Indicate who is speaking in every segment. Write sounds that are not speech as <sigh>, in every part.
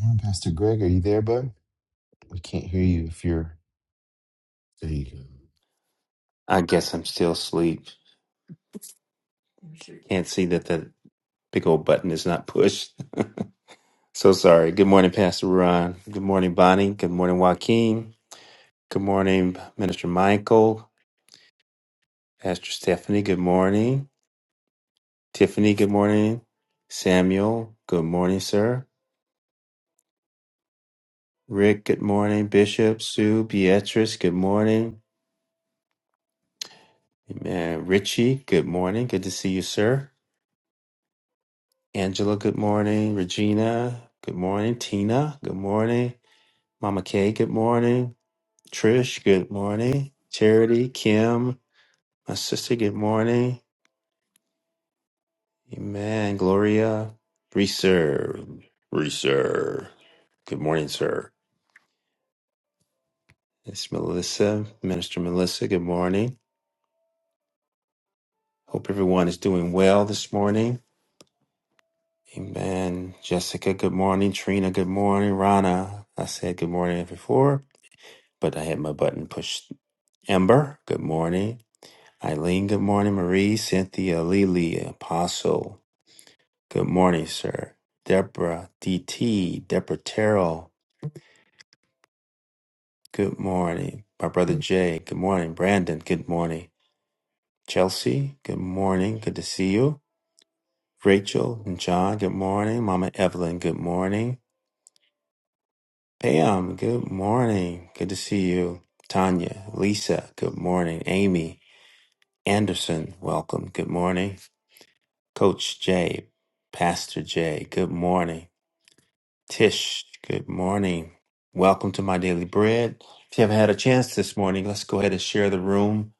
Speaker 1: Well, Pastor Greg, are you there, bud? We can't hear you if you're there. You go.
Speaker 2: I guess I'm still asleep. Can't see that the big old button is not pushed. <laughs> so sorry. Good morning, Pastor Ron. Good morning, Bonnie. Good morning, Joaquin. Good morning, Minister Michael. Pastor Stephanie, good morning. Tiffany, good morning. Samuel, good morning, sir. Rick, good morning. Bishop, Sue, Beatrice, good morning. Amen. Richie, good morning. Good to see you, sir. Angela, good morning. Regina, good morning. Tina, good morning. Mama Kay, good morning. Trish, good morning. Charity, Kim, my sister, good morning. Amen. Gloria, Reserve, Reserve. Good morning, sir. It's Melissa, Minister Melissa, good morning. Hope everyone is doing well this morning. Amen. Jessica, good morning. Trina, good morning. Rana, I said good morning before, but I had my button pushed. Ember, good morning. Eileen, good morning. Marie, Cynthia, Lily, Apostle, good morning, sir. Deborah, DT, Deborah Terrell, good morning. My brother Jay, good morning. Brandon, good morning. Chelsea, good morning. Good to see you. Rachel and John, good morning. Mama Evelyn, good morning. Pam, good morning. Good to see you. Tanya, Lisa, good morning. Amy, Anderson, welcome. Good morning. Coach Jay, Pastor Jay, good morning. Tish, good morning. Welcome to my daily bread. If you haven't had a chance this morning, let's go ahead and share the room.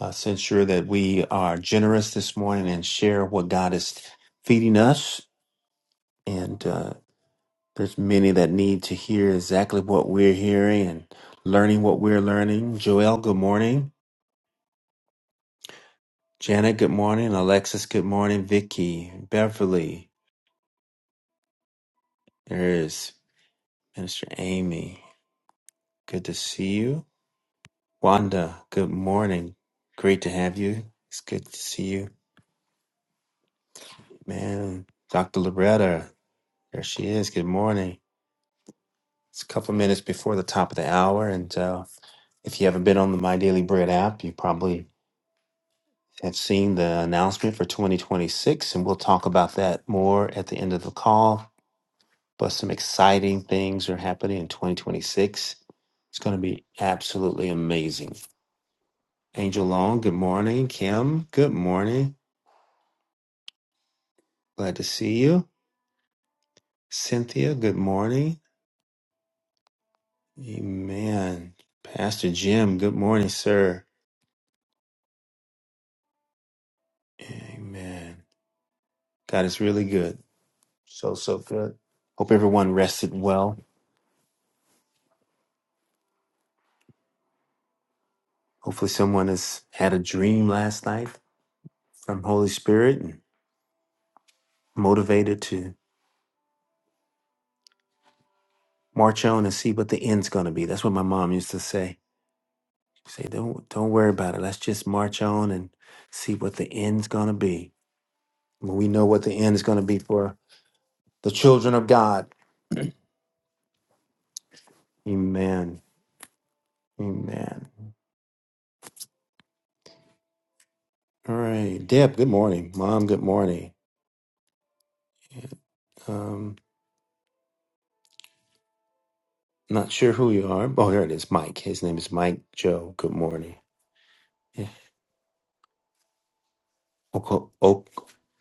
Speaker 2: Uh, so ensure that we are generous this morning and share what God is feeding us. And uh, there's many that need to hear exactly what we're hearing and learning what we're learning. Joel, good morning. Janet, good morning. Alexis, good morning. Vicky, Beverly, there is Minister Amy. Good to see you. Wanda, good morning. Great to have you. It's good to see you. Man, Dr. Loretta, there she is. Good morning. It's a couple minutes before the top of the hour. And uh, if you haven't been on the My Daily Bread app, you probably have seen the announcement for 2026. And we'll talk about that more at the end of the call. But some exciting things are happening in 2026. It's going to be absolutely amazing. Angel Long, good morning. Kim, good morning. Glad to see you. Cynthia, good morning. Amen. Pastor Jim, good morning, sir. Amen. God is really good. So, so good. Hope everyone rested well. Hopefully, someone has had a dream last night from Holy Spirit and motivated to march on and see what the end's going to be. That's what my mom used to say. Say, don't don't worry about it. Let's just march on and see what the end's going to be. When we know what the end is going to be for the children of God, Amen. Amen. All right. Deb, good morning. Mom, good morning. Um, not sure who you are. Oh, here it is. Mike. His name is Mike Joe. Good morning. Yeah. Oko- ok-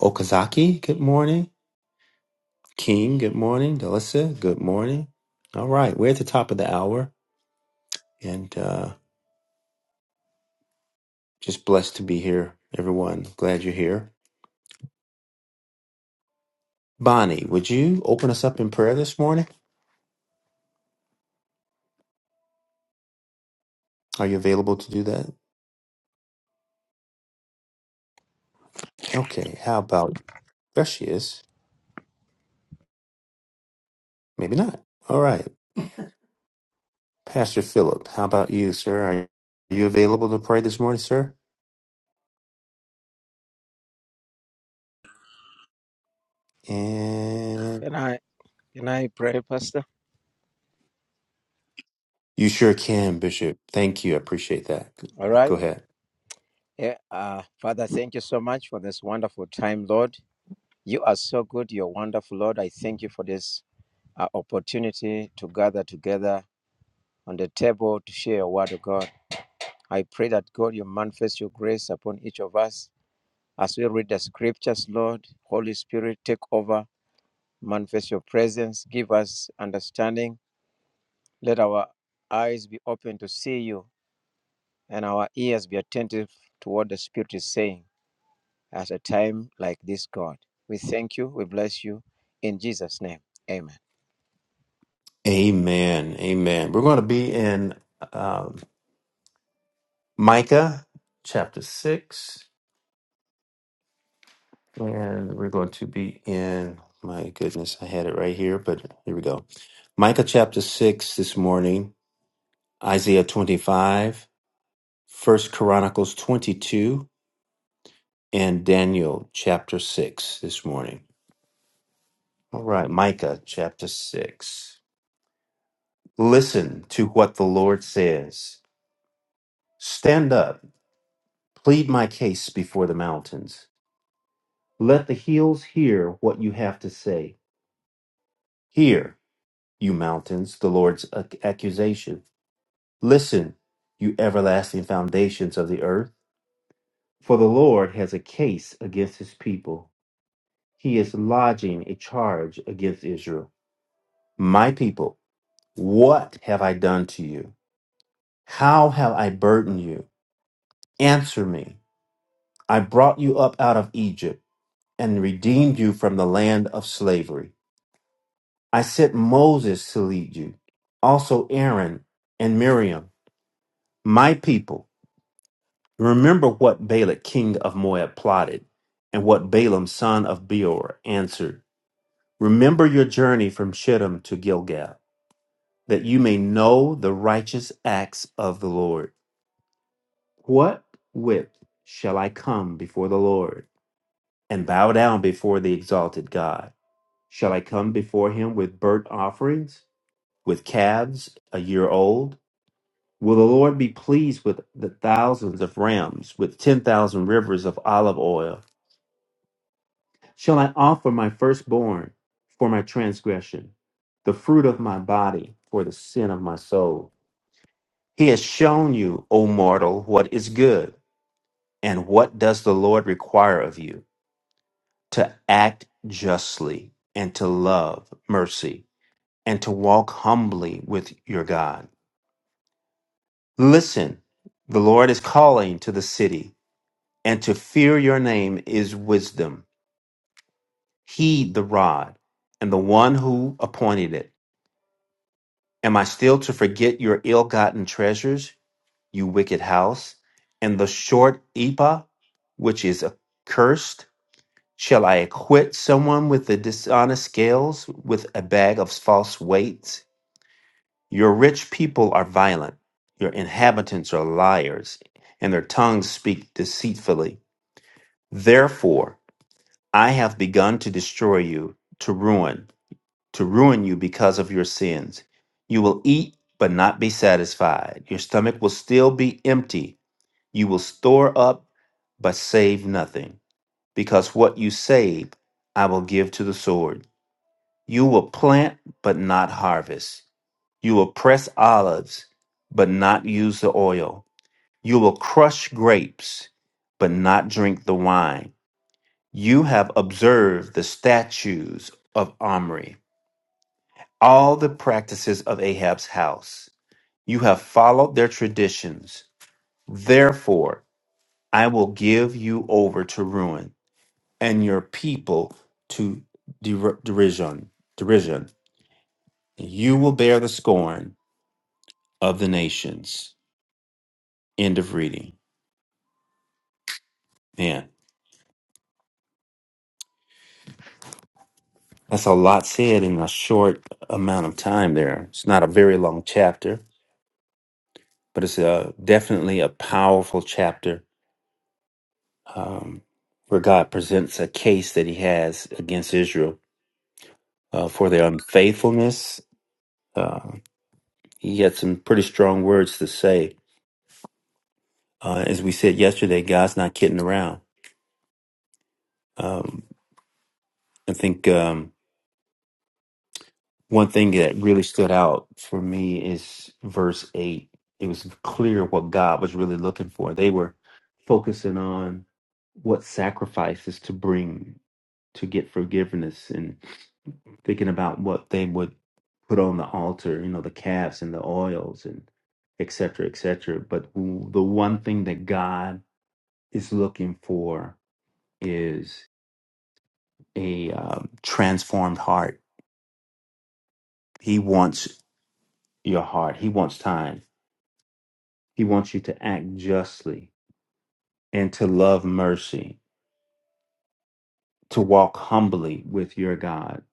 Speaker 2: Okazaki, good morning. King, good morning. Delissa, good morning. All right. We're at the top of the hour and uh, just blessed to be here, everyone. Glad you're here. Bonnie, would you open us up in prayer this morning? Are you available to do that? Okay. How about there she is? Maybe not. All right. Pastor Philip, how about you, sir? Are you available to pray this morning, sir? And
Speaker 3: Can I can I pray, Pastor?
Speaker 2: you sure can, Bishop. Thank you. I appreciate that.
Speaker 3: All
Speaker 2: Go
Speaker 3: right.
Speaker 2: ahead.
Speaker 3: Yeah, uh, Father, thank you so much for this wonderful time, Lord. You are so good. You're wonderful, Lord. I thank you for this uh, opportunity to gather together on the table to share a word of God. I pray that God, you manifest your grace upon each of us as we read the scriptures, Lord. Holy Spirit, take over, manifest your presence, give us understanding. Let our eyes be open to see you and our ears be attentive to what the Spirit is saying. at a time like this, God. We thank you. We bless you in Jesus' name. Amen.
Speaker 2: Amen. Amen. We're going to be in um, Micah chapter 6, and we're going to be in, my goodness, I had it right here, but here we go. Micah chapter 6 this morning, Isaiah 25, First Chronicles 22. and Daniel chapter 6 this morning. All right, Micah chapter 6. Listen to what the Lord says. Stand up, plead my case before the mountains. Let the hills hear what you have to say. Hear, you mountains, the Lord's ac- accusation. Listen, you everlasting foundations of the earth. For the Lord has a case against his people. He is lodging a charge against Israel. My people, What have I done to you? How have I burdened you? Answer me. I brought you up out of Egypt and redeemed you from the land of slavery. I sent Moses to lead you, also Aaron and Miriam, my people. Remember what Balak, king of Moab, plotted, and what Balaam, son of Beor, answered. Remember your journey from Shittim to Gilgal, that you may know the righteous acts of the Lord What with shall I come before the Lord and bow down before the exalted God? Shall I come before him with burnt offerings, with calves a year old? Will the Lord be pleased with the thousands of rams, with 10,000 rivers of olive oil? Shall I offer my firstborn for my transgression, the fruit of my body for the sin of my soul? He has shown you, O mortal, what is good, and what does the Lord require of you? to act justly and to love mercy and to walk humbly with your God. Listen, the Lord is calling to the city, and to fear your name is wisdom. Heed the rod and the one who appointed it. Am I still to forget your ill gotten treasures, you wicked house, and the short ephah, which is accursed? Shall I acquit someone with the dishonest scales, with a bag of false weights? Your rich people are violent, your inhabitants are liars, and their tongues speak deceitfully. Therefore, I have begun to destroy you, to ruin, to ruin you because of your sins. You will eat, but not be satisfied. Your stomach will still be empty. You will store up, but save nothing, because what you save, I will give to the sword. You will plant, but not harvest. You will press olives, but not use the oil. You will crush grapes, but not drink the wine. You have observed the statues of Omri, all the practices of Ahab's house. You have followed their traditions. Therefore, I will give you over to ruin and your people to der- derision. Derision. You will bear the scorn of the nations. End of reading. Man. That's a lot said in a short amount of time there. It's not a very long chapter, but it's a, definitely a powerful chapter um, where God presents a case that he has against Israel uh, for their unfaithfulness. Uh, he had some pretty strong words to say. Uh, as we said yesterday, God's not kidding around. Um, I think. Um, One thing that really stood out for me is verse 8. It was clear what God was really looking for. They were focusing on what sacrifices to bring to get forgiveness and thinking about what they would put on the altar, you know, the calves and the oils and et cetera, et cetera. But w- the one thing that God is looking for is a um, transformed heart. He wants your heart, He wants time He wants you to act justly and to love mercy, to walk humbly with your God.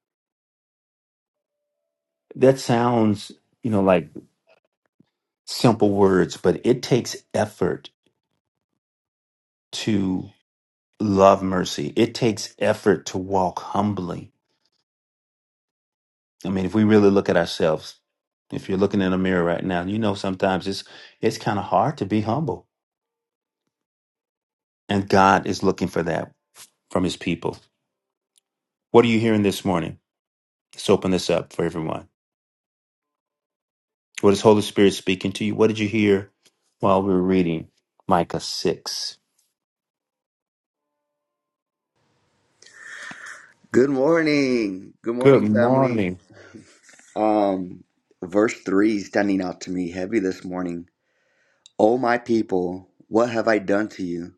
Speaker 2: That sounds, you know, like simple words, but it takes effort to love mercy. It takes effort to walk humbly. I mean, if we really look at ourselves, if you're looking in a mirror right now, you know sometimes it's it's kind of hard to be humble. And God is looking for that from his people. What are you hearing this morning? Let's open this up for everyone. What is Holy Spirit speaking to you? What did you hear while we were reading Micah 6?
Speaker 4: Good morning. Good
Speaker 2: Good
Speaker 4: morning, family.
Speaker 2: morning.
Speaker 4: Um, verse 3 is standing out to me heavy this morning. Oh, my people, what have I done to you?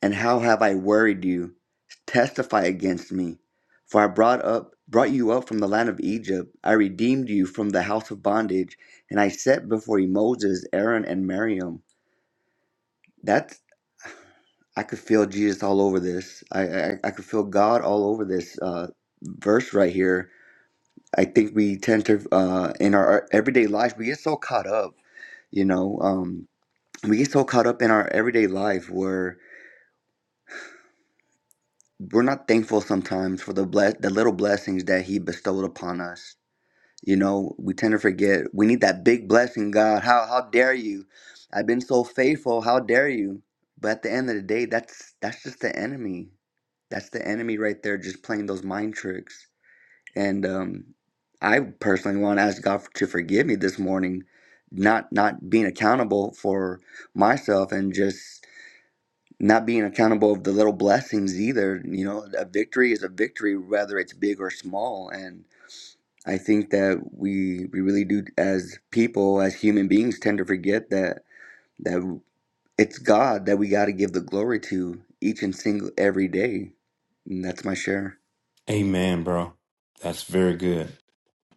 Speaker 4: And how have I worried you? Testify against me. For I brought up brought you up from the land of Egypt. I redeemed you from the house of bondage, and I set before you Moses, Aaron, and Miriam. That's I could feel Jesus all over this. I I, I could feel God all over this uh, verse right here I think we tend to, uh, in our everyday lives, we get so caught up, you know, um, we get so caught up in our everyday life where we're not thankful sometimes for the bless the little blessings that He bestowed upon us. You know, we tend to forget we need that big blessing, God. How how dare you? I've been so faithful. How dare you? But at the end of the day, that's that's just the enemy. That's the enemy right there, just playing those mind tricks And um, I personally want to ask God to forgive me this morning, not not being accountable for myself and just not being accountable of the little blessings either. You know, a victory is a victory, whether it's big or small. And I think that we we really do as people, as human beings, tend to forget that that it's God that we got to give the glory to each and single every day. And that's my share.
Speaker 2: Amen, bro. That's very good.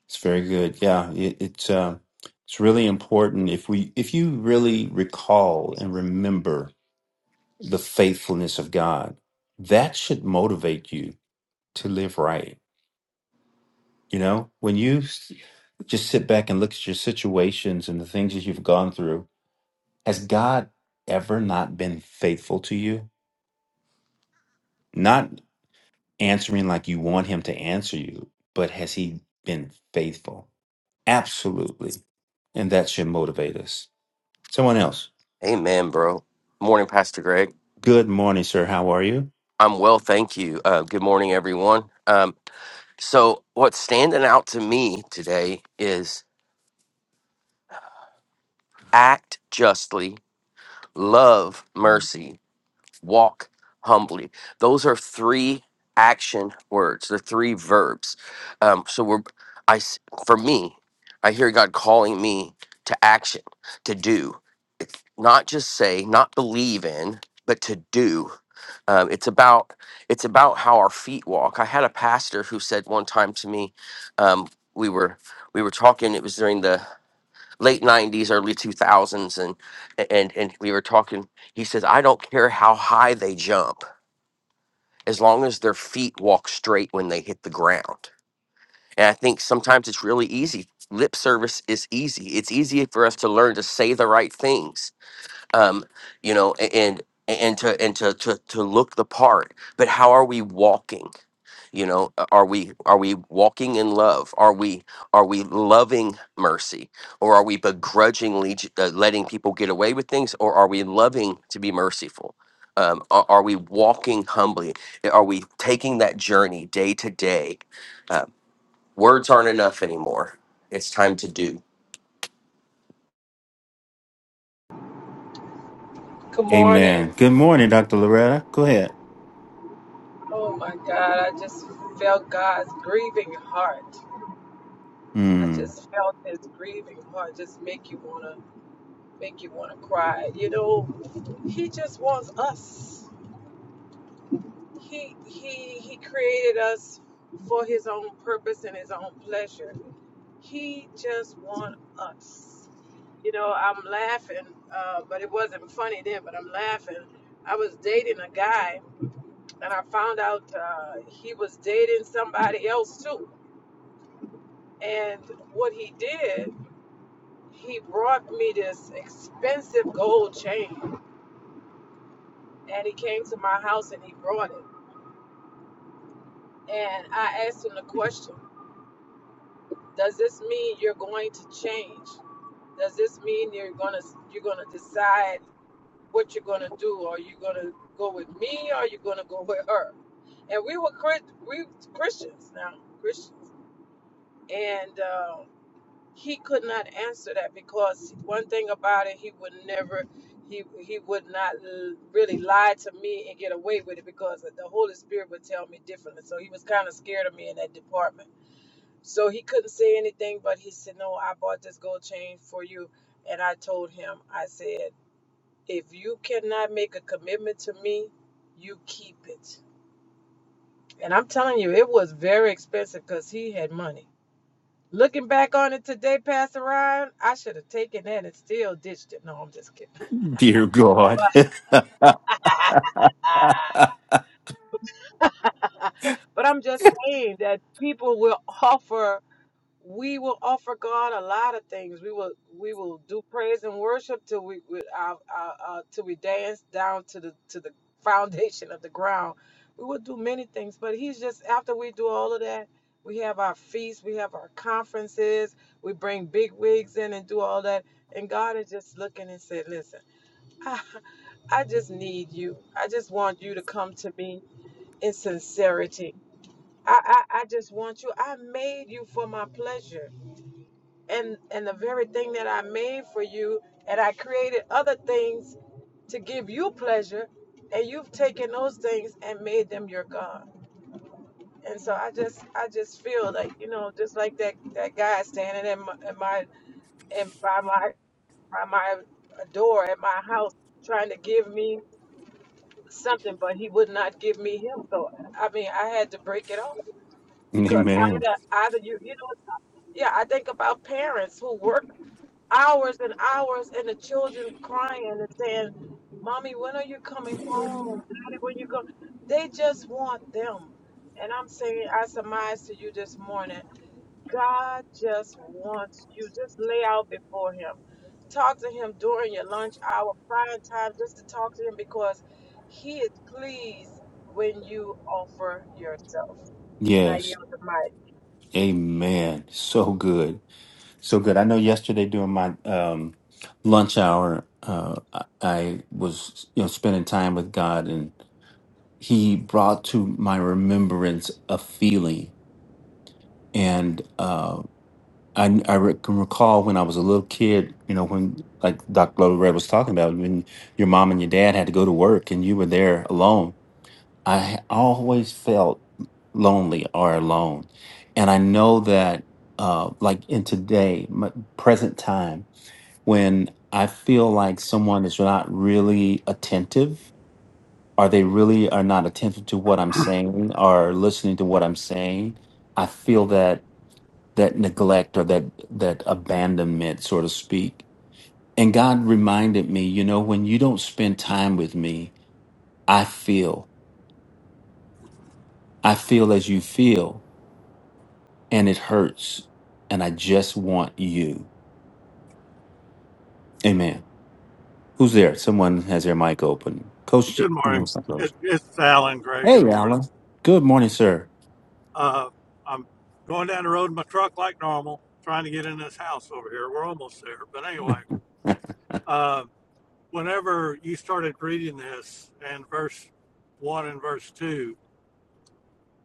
Speaker 2: It's very good. Yeah, it, it's uh, it's
Speaker 5: Um,
Speaker 2: really important if we if you really recall and remember the faithfulness of God, that should motivate you to live right. You know, when you s- just sit back and look at your situations and the things that you've gone through, has God ever not been faithful to you? Not answering like you want him to answer you, but has he been faithful? Absolutely. And that should motivate us. Someone else.
Speaker 6: Amen, bro. Morning, Pastor Greg.
Speaker 2: Good morning, sir. How are you?
Speaker 6: I'm well, thank you. Uh, good morning, everyone. Um, so, what's standing out to me today is act justly, love mercy, walk humbly. Those are three action words. They're three verbs. Um, so we're, I, s- for me, I hear God calling me to action, to do, It's not just say, not believe in, but to do. Um, it's about it's about how our feet walk. I had a pastor who said one time to me, um, we were we were talking. It was during the late 90s early 2000s and and and we were talking he says i don't care how high they jump as long as their feet walk straight when they hit the ground and i think sometimes it's really easy lip service is easy it's easy for us to learn to say the right things um you know a- and and to and to to, to look the part but how are we walking you know a- are we are we walking in love are we are we loving mercy or are we begrudgingly j- uh, letting people get away with things or are we loving to be merciful um, are, are we walking humbly are we taking that journey day to day uh, words aren't enough anymore it's time to do
Speaker 7: Good morning.
Speaker 2: Amen. Good morning, Dr. Loretta. Go ahead.
Speaker 7: Oh my God, I just felt God's grieving heart. I
Speaker 2: Mm,
Speaker 7: just felt his grieving heart just make you wanna make you wanna cry. You know, he just wants us. He he he created us for his own purpose and his own pleasure. He just wants us. You know, I'm laughing, uh, but it wasn't funny then, but I'm laughing. I was dating a guy and I found out uh, he was dating somebody else too. And what he did, he brought me this expensive gold chain, and he came to my house and he brought it. And I asked him the question: Does this mean you're going to change? Does this mean you're gonna you're gonna decide what you're gonna do? Are you gonna go with me? Or are you gonna go with her? And we were Chris- we Christians now, Christians, and. Um, he could not answer that because one thing about it, he would never, he he would not l- really lie to me and get away with it because the Holy Spirit would tell me differently. So he was kind of scared of me in that department. So he couldn't say anything, but he said, "No, I bought this gold chain for you." And I told him, I said, "If you cannot make a commitment to me, you keep it." And I'm telling you, it was very expensive because he had money Looking back on it today, Pastor Ryan, I should have taken that and still ditched it. No, I'm just kidding. <laughs>
Speaker 2: dear God.
Speaker 7: But, uh, but I'm just saying that people will offer. We will offer God a lot of things. We will we will do praise and worship till we with our, our, our till we dance down to the to the foundation of the ground. We will do many things, but He's just after we do all of that, we have our feasts, we have our conferences, we bring big wigs in and do all that. And God is just looking and said, "Listen." I, I just need you. I just want you to come to me in sincerity. I, I, I just want you. I made you for my pleasure. And and the very thing that I made for you, and I created other things to give you pleasure, and you've taken those things and made them your God. And so I just I just feel like, you know, just like that, that guy standing in my, in my in by my by my door at my house trying to give me something, but he would not give me him. So I mean, I had to break it off
Speaker 2: <laughs>
Speaker 7: because
Speaker 2: Amen.
Speaker 7: either either you you know yeah I think about parents who work hours and hours and the children crying and saying, "Mommy, when are you coming home? Daddy, when you go?" They just want them. And I'm saying, I surmise to you this morning. God just wants you. Just lay out before Him. Talk to Him during your lunch hour, prime time, just to talk to Him because He is pleased when you offer yourself. And I
Speaker 2: Yes.
Speaker 7: yield the mic.
Speaker 2: Amen. So good. So good. I know yesterday during my um lunch hour, uh I I was you know spending time with God and. he brought to my remembrance a feeling and uh, I, I re- can recall when i was a little kid you know when like dr Red was talking about when your mom and your dad had to go to work and you were there alone i ha- always felt lonely or alone and i know that uh, like in today my present time when i feel like someone is not really attentive are they really are not attentive to what I'm saying or listening to what I'm saying, I feel that that neglect or that that abandonment, so to speak. And God reminded me, you know, when you don't spend time with me, I feel. I feel as you feel, and it hurts. And I just want you. Amen. Who's there? Someone has their mic open. Coach,
Speaker 8: Good
Speaker 2: J- no,
Speaker 8: morning.
Speaker 2: it's not
Speaker 8: It,
Speaker 2: Coach.
Speaker 8: it's Alan Gray. Good
Speaker 2: Hey,
Speaker 8: morning.
Speaker 2: Alan. Good morning, sir.
Speaker 8: Uh, I'm going down the road in my truck like normal, trying to get in this house over here. We're almost there. But anyway, uh, whenever you started reading this and verse 1 and verse 2,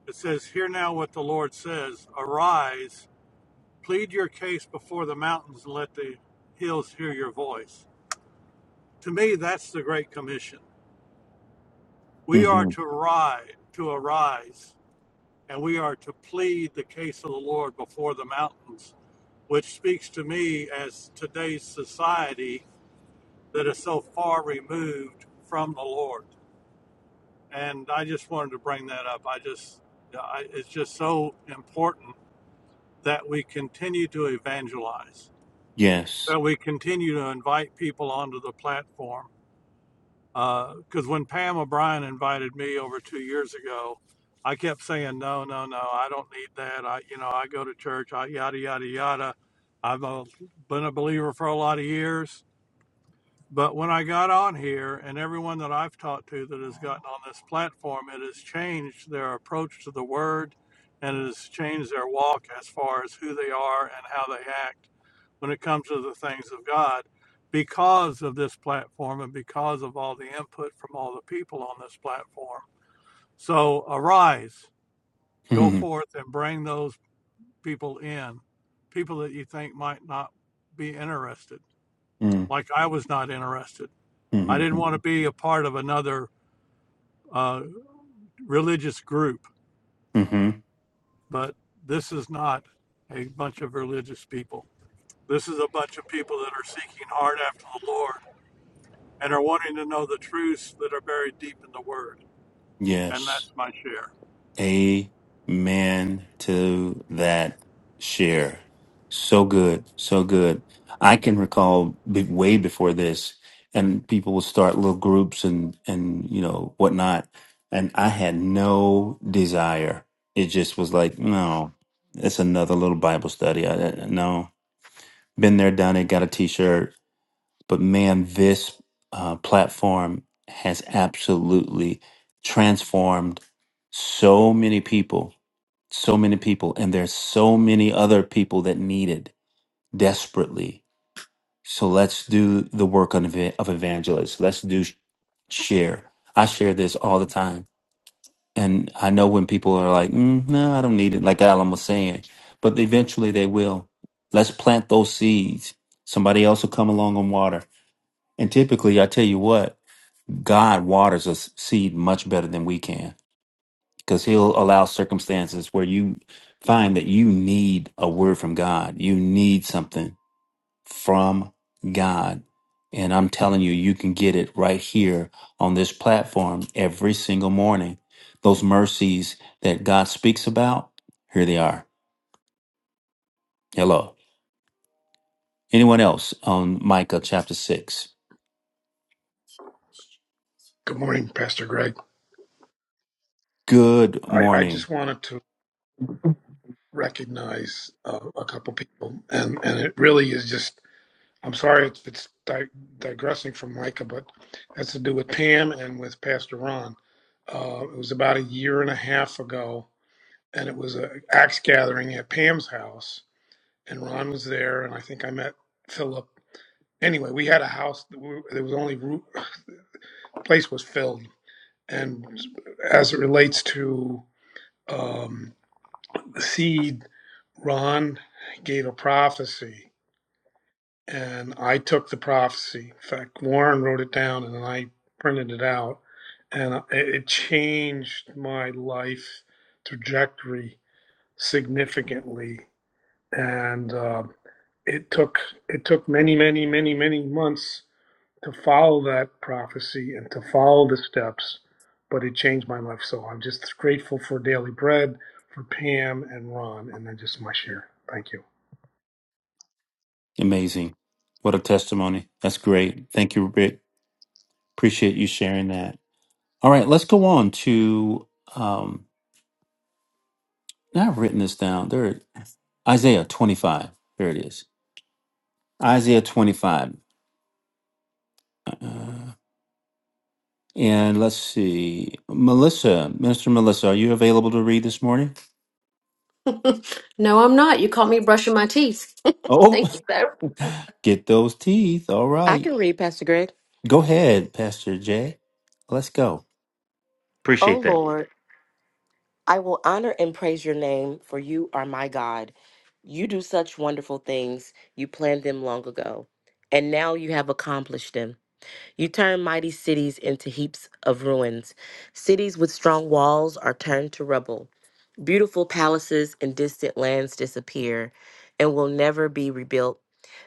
Speaker 8: it says, Hear now what the Lord says Arise, plead your case before the mountains, and let the hills hear your voice. To me, that's the Great Commission.
Speaker 2: <laughs>
Speaker 8: We are
Speaker 2: hmm
Speaker 8: to rise, to arise and we are to plead the case of the Lord before the mountains, which speaks to me as today's society that is so far removed from the Lord. And I just wanted to bring that up. I just, I, it's just so important that we continue to evangelize,
Speaker 2: Yes.
Speaker 8: that we continue to invite people onto the platform, Because uh, when Pam O'Brien invited me over two years ago, I kept saying no, no, no. I don't need that. I, you know, I go to church. I yada yada yada. I've uh, been a believer for a lot of years but when I got on here, and everyone that I've talked to that has gotten on this platform, it has changed their approach to the word and it has changed their walk as far as who they are and how they act when it comes to the things of God because of this platform and because of all the input from all the people on this platform. So arise, go forth and bring those people in, people that you think might not be interested,
Speaker 2: <laughs>
Speaker 8: like I was not interested. I didn't want to be a part of another uh, religious group,
Speaker 2: Mm-hmm.
Speaker 8: but this is not a bunch of religious people. This is a bunch of people that are seeking hard after the Lord and are wanting to know the truths that are buried deep in the Word. And
Speaker 2: Yes.
Speaker 8: that's my share.
Speaker 2: Amen to that share. So good. So good. I can recall be- way before this, and people would start little groups and, and, you know, whatnot. And I had no desire. It just was like, no, it's another little Bible study. I, I- no. Been there, done it, got a t shirt, But man, this uh, platform has absolutely transformed so many people, so many people, and there's so many other people that need it desperately. So let's do the work of, ev- of evangelists. Let's do sh- share. I share this all the time. And I know when people are like, mm, no, I don't need it, like Alan was saying, but eventually they will. Let's plant those seeds. Somebody else will come along on water and typically, I tell you what, God waters a s- seed much better than we can because He'll allow circumstances where you find that you need a word from God. You need something from God. And I'm telling you, you can get it right here on this platform every single morning. Those mercies that God speaks about, here they are. Hello. Anyone else on Micah chapter 6?
Speaker 9: Good morning, Pastor Greg.
Speaker 2: Good
Speaker 9: I, I
Speaker 2: morning.
Speaker 9: just wanted to recognize uh, a couple people, and and it really is just. I'm sorry if it's di- digressing from Micah, but it has to do with Pam and with Pastor Ron. Uh, it was about a year and a half ago, and it was a axe gathering at Pam's house, and Ron was there, and I think I met Philip. Anyway, we had a house. That we, there was only roo- place was filled, and as it relates to um, the seed Ron gave a prophecy, and I took the prophecy. In fact, Warren wrote it down, and then I printed it out, and it changed my life trajectory significantly. And uh, it took it took many, many, many, many months to follow that prophecy and to follow the steps, but it changed my life. So I'm just grateful for Daily Bread, for Pam and Ron, and then just my share. Thank you.
Speaker 2: Amazing. What a testimony. That's great. Thank you, Rick. Appreciate you sharing that. All right, let's go on to um now I've written this down. There Isaiah 25. There it is. Isaiah 25. Uh, and let's see. Melissa, Minister Melissa, are you available to read this morning?
Speaker 10: No, I'm not. You caught me brushing my teeth. <laughs> Thank
Speaker 2: Oh,
Speaker 10: you, though.
Speaker 2: <laughs> get those teeth. All
Speaker 11: I
Speaker 2: right.
Speaker 11: can read, Pastor Greg.
Speaker 2: Go ahead, Pastor Jay. Let's go.
Speaker 11: O
Speaker 2: Appreciate that.
Speaker 11: Lord, I will honor and praise your name, for you are my God. You do such wonderful things. You planned them long ago, and now you have accomplished them. You turn mighty cities into heaps of ruins. Cities with strong walls are turned to rubble. Beautiful palaces in distant lands disappear and will never be rebuilt.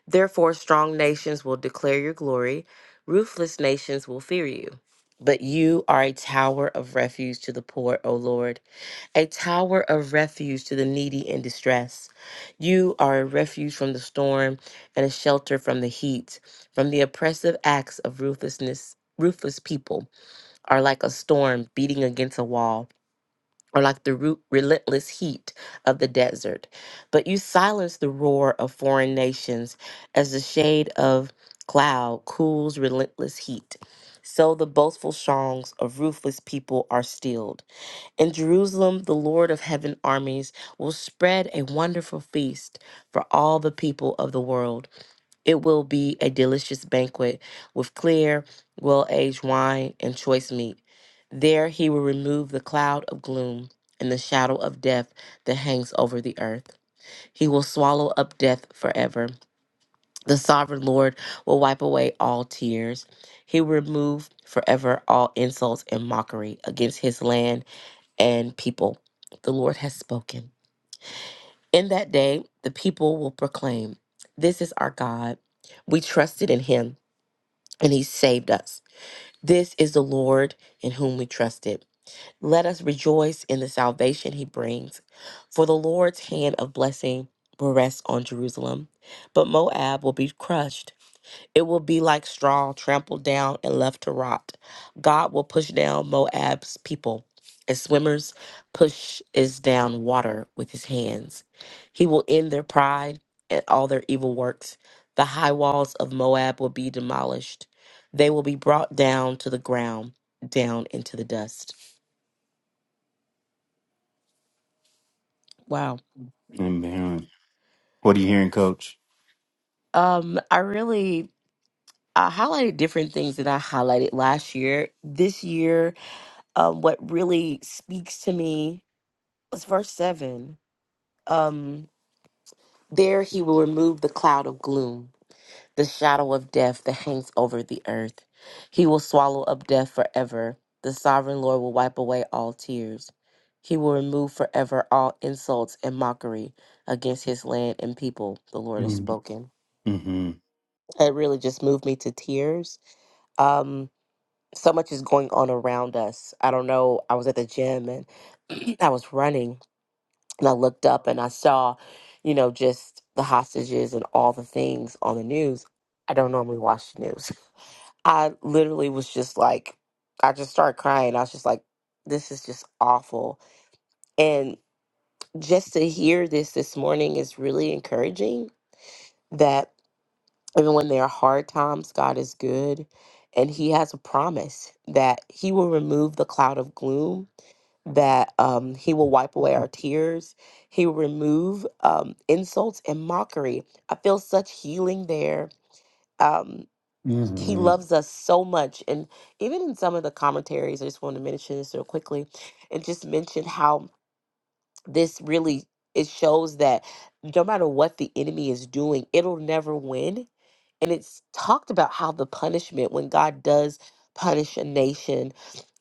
Speaker 11: Therefore, strong nations will declare your glory, ruthless nations will fear you. But you are a tower of refuge to the poor, O Lord, a tower of refuge to the needy in distress. You are a refuge from the storm and a shelter from the heat, from the oppressive acts of ruthlessness. Ruthless people are like a storm beating against a wall or like the root, relentless heat of the desert. But you silence the roar of foreign nations as the shade of cloud cools relentless heat. So the boastful songs of ruthless people are stilled. In Jerusalem, the Lord of heaven armies will spread a wonderful feast for all the people of the world. It will be a delicious banquet with clear, well aged wine and choice meat. There he will remove the cloud of gloom and the shadow of death that hangs over the earth. He will swallow up death forever. The sovereign Lord will wipe away all tears. He will remove forever all insults and mockery against his land and people. The Lord has spoken. In that day, the people will proclaim, This is our God. We trusted in him and he saved us. This is the Lord in whom we trusted. Let us rejoice in the salvation he brings, for the Lord's hand of blessing will rest on Jerusalem, but Moab will be crushed. It will be like straw trampled down and left to rot. God will push down Moab's people. As swimmers push is down water with his hands. He will end their pride and all their evil works. The high walls of Moab will be demolished. They will be brought down to the ground, down into the dust. Wow.
Speaker 2: Amen. What are you hearing, coach?
Speaker 11: Um, I really I highlighted different things that I highlighted last year. This year, um, what really speaks to me It's verse 7. Um, there he will remove the cloud of gloom, the shadow of death that hangs over the earth. He will swallow up death forever. The sovereign Lord will wipe away all tears. He will remove forever all insults and mockery against his land and people, the Lord has
Speaker 2: Mm-hmm.
Speaker 11: spoken. It really just moved me to tears. Um, so much is going on around us. I don't know. I was at the gym and <clears throat> I was running And I looked up and I saw, you know, just the hostages and all the things on the news. I don't normally watch the news. <laughs> I literally was just like, I just started crying. I was just like, this is just awful. And just to hear this this morning is really encouraging that even when there are hard times, God is good and He has a promise that He will remove the cloud of gloom that um, he will wipe away our tears. He will remove um, insults and mockery. I feel such healing there. Um, he
Speaker 2: Mm-hmm.
Speaker 11: loves us so much. And even in some of the commentaries, I just want to mention this real quickly and just mention how this really it shows that no matter what the enemy is doing, it'll never win and it's talked about how the punishment when god does punish a nation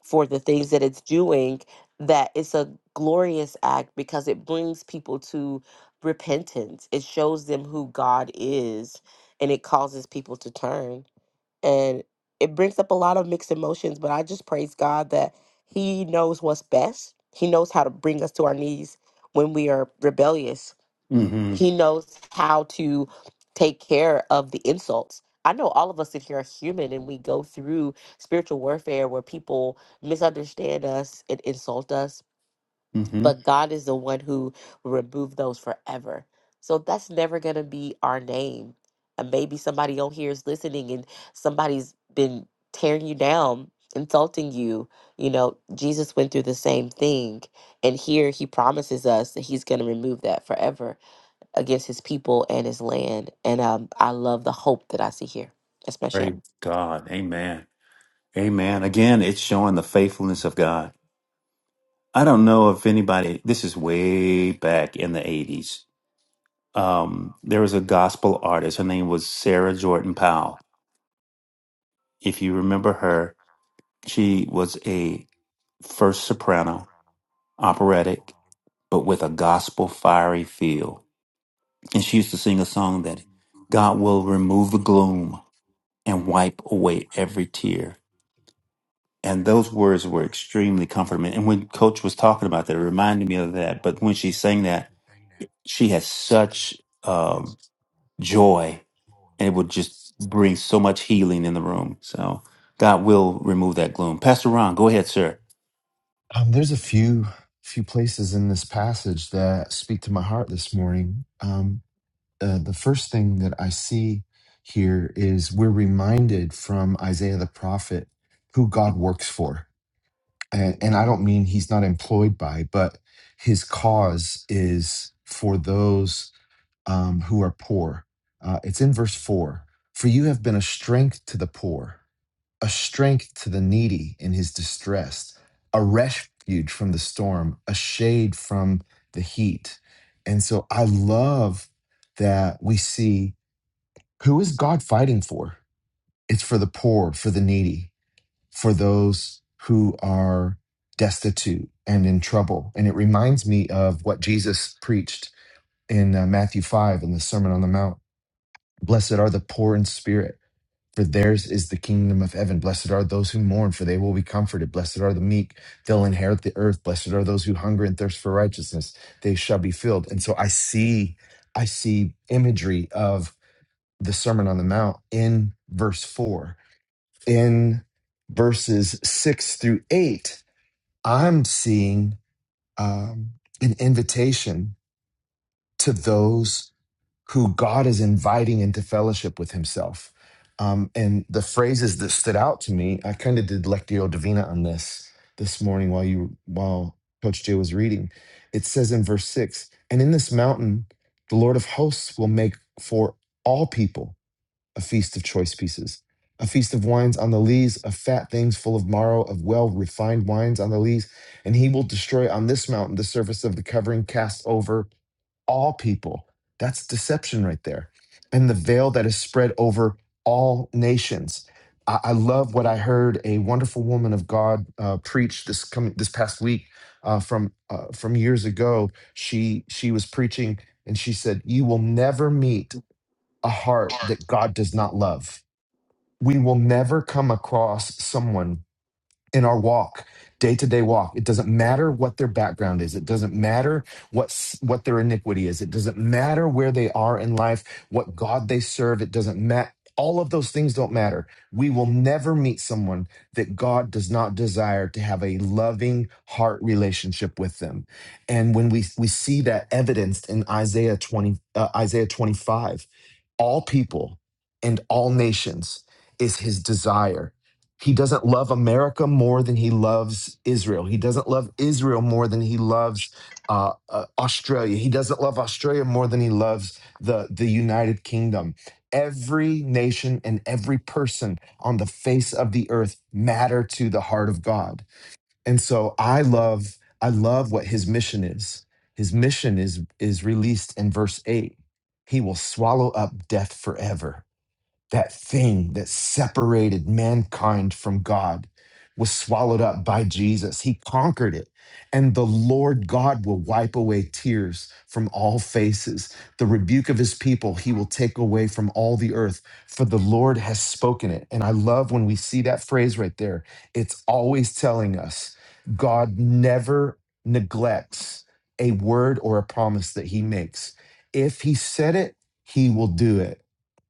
Speaker 11: for the things that it's doing that it's a glorious act because it brings people to repentance it shows them who god is and it causes people to turn and it brings up a lot of mixed emotions but i just praise god that he knows what's best he knows how to bring us to our knees when we are rebellious
Speaker 2: Mm-hmm.
Speaker 11: he knows how to take care of the insults. I know all of us in here are human and we go through spiritual warfare where people misunderstand us and insult us,
Speaker 2: Mm-hmm.
Speaker 11: but God is the one who will remove those forever. So that's never going to be our name. And maybe somebody on here is listening and somebody's been tearing you down, insulting you. You know, Jesus went through the same thing. And here he promises us that he's going to remove that forever against his people and his land. And um, I love the hope that I see here. That's my share.
Speaker 2: Praise God. Amen. Amen. Again, it's showing the faithfulness of God. I don't know if anybody, this is way back in the 80s. Um, there was a gospel artist. Her name was Sarah Jordan Powell. If you remember her, she was a first soprano, operatic, but with a gospel fiery feel. And she used to sing a song that God will remove the gloom and wipe away every tear. And those words were extremely comforting. And when Coach was talking about that, it reminded me of that. But when she sang that, she had such um, joy, and it would just bring so much healing in the room. So God will remove that gloom. Pastor Ron, go ahead, sir.
Speaker 1: Um, there's a few few places in this passage that speak to my heart this morning. Um, uh, the first thing that I see here is we're reminded from Isaiah the prophet who God works for, and, and I don't mean he's not employed by, but his cause is for those um, who are poor. Uh, it's in verse four. For you have been a strength to the poor a strength to the needy in his distress, a refuge from the storm, a shade from the heat. And so I love that we see who is God fighting for? It's for the poor, for the needy, for those who are destitute and in trouble. And it reminds me of what Jesus preached in uh, Matthew 5 in the Sermon on the Mount. Blessed are the poor in spirit for theirs is the kingdom of heaven. Blessed are those who mourn, for they will be comforted. Blessed are the meek, they'll inherit the earth. Blessed are those who hunger and thirst for righteousness, they shall be filled. And so I see, I see imagery of the Sermon on the Mount in verse four. In verses six through eight, I'm seeing um, an invitation to those who God is inviting into fellowship with himself. Um, and the phrases that stood out to me, I kind of did Lectio Divina on this this morning while you while Coach Jay was reading. It says in verse six, and in this mountain, the Lord of hosts will make for all people a feast of choice pieces, a feast of wines on the lees, of fat things full of marrow, of well refined wines on the lees. And he will destroy on this mountain the surface of the covering cast over all people. That's deception right there. And the veil that is spread over all nations. I, I love what I heard a wonderful woman of God uh, preach this coming this past week uh, from uh, from years ago. She she was preaching and she said, "You will never meet a heart that God does not love. We will never come across someone in our walk, day to day walk. It doesn't matter what their background is. It doesn't matter what s- what their iniquity is. It doesn't matter where they are in life, what God they serve. It doesn't matter. All of those things don't matter. We will never meet someone that God does not desire to have a loving heart relationship with them. And when we we see that evidenced in Isaiah 20 uh, Isaiah 25, all people and all nations is his desire he doesn't love America more than he loves Israel. He doesn't love Israel more than he loves uh, uh, Australia. He doesn't love Australia more than he loves the, the United Kingdom. Every nation and every person on the face of the earth matter to the heart of God. And so I love I love what his mission is. His mission is is released in verse 8. He will swallow up death forever that thing that separated mankind from God was swallowed up by Jesus. He conquered it. And the Lord God will wipe away tears from all faces. The rebuke of his people he will take away from all the earth, for the Lord has spoken it. And I love when we see that phrase right there. It's always telling us God never neglects a word or a promise that he makes. If he said it, he will do it.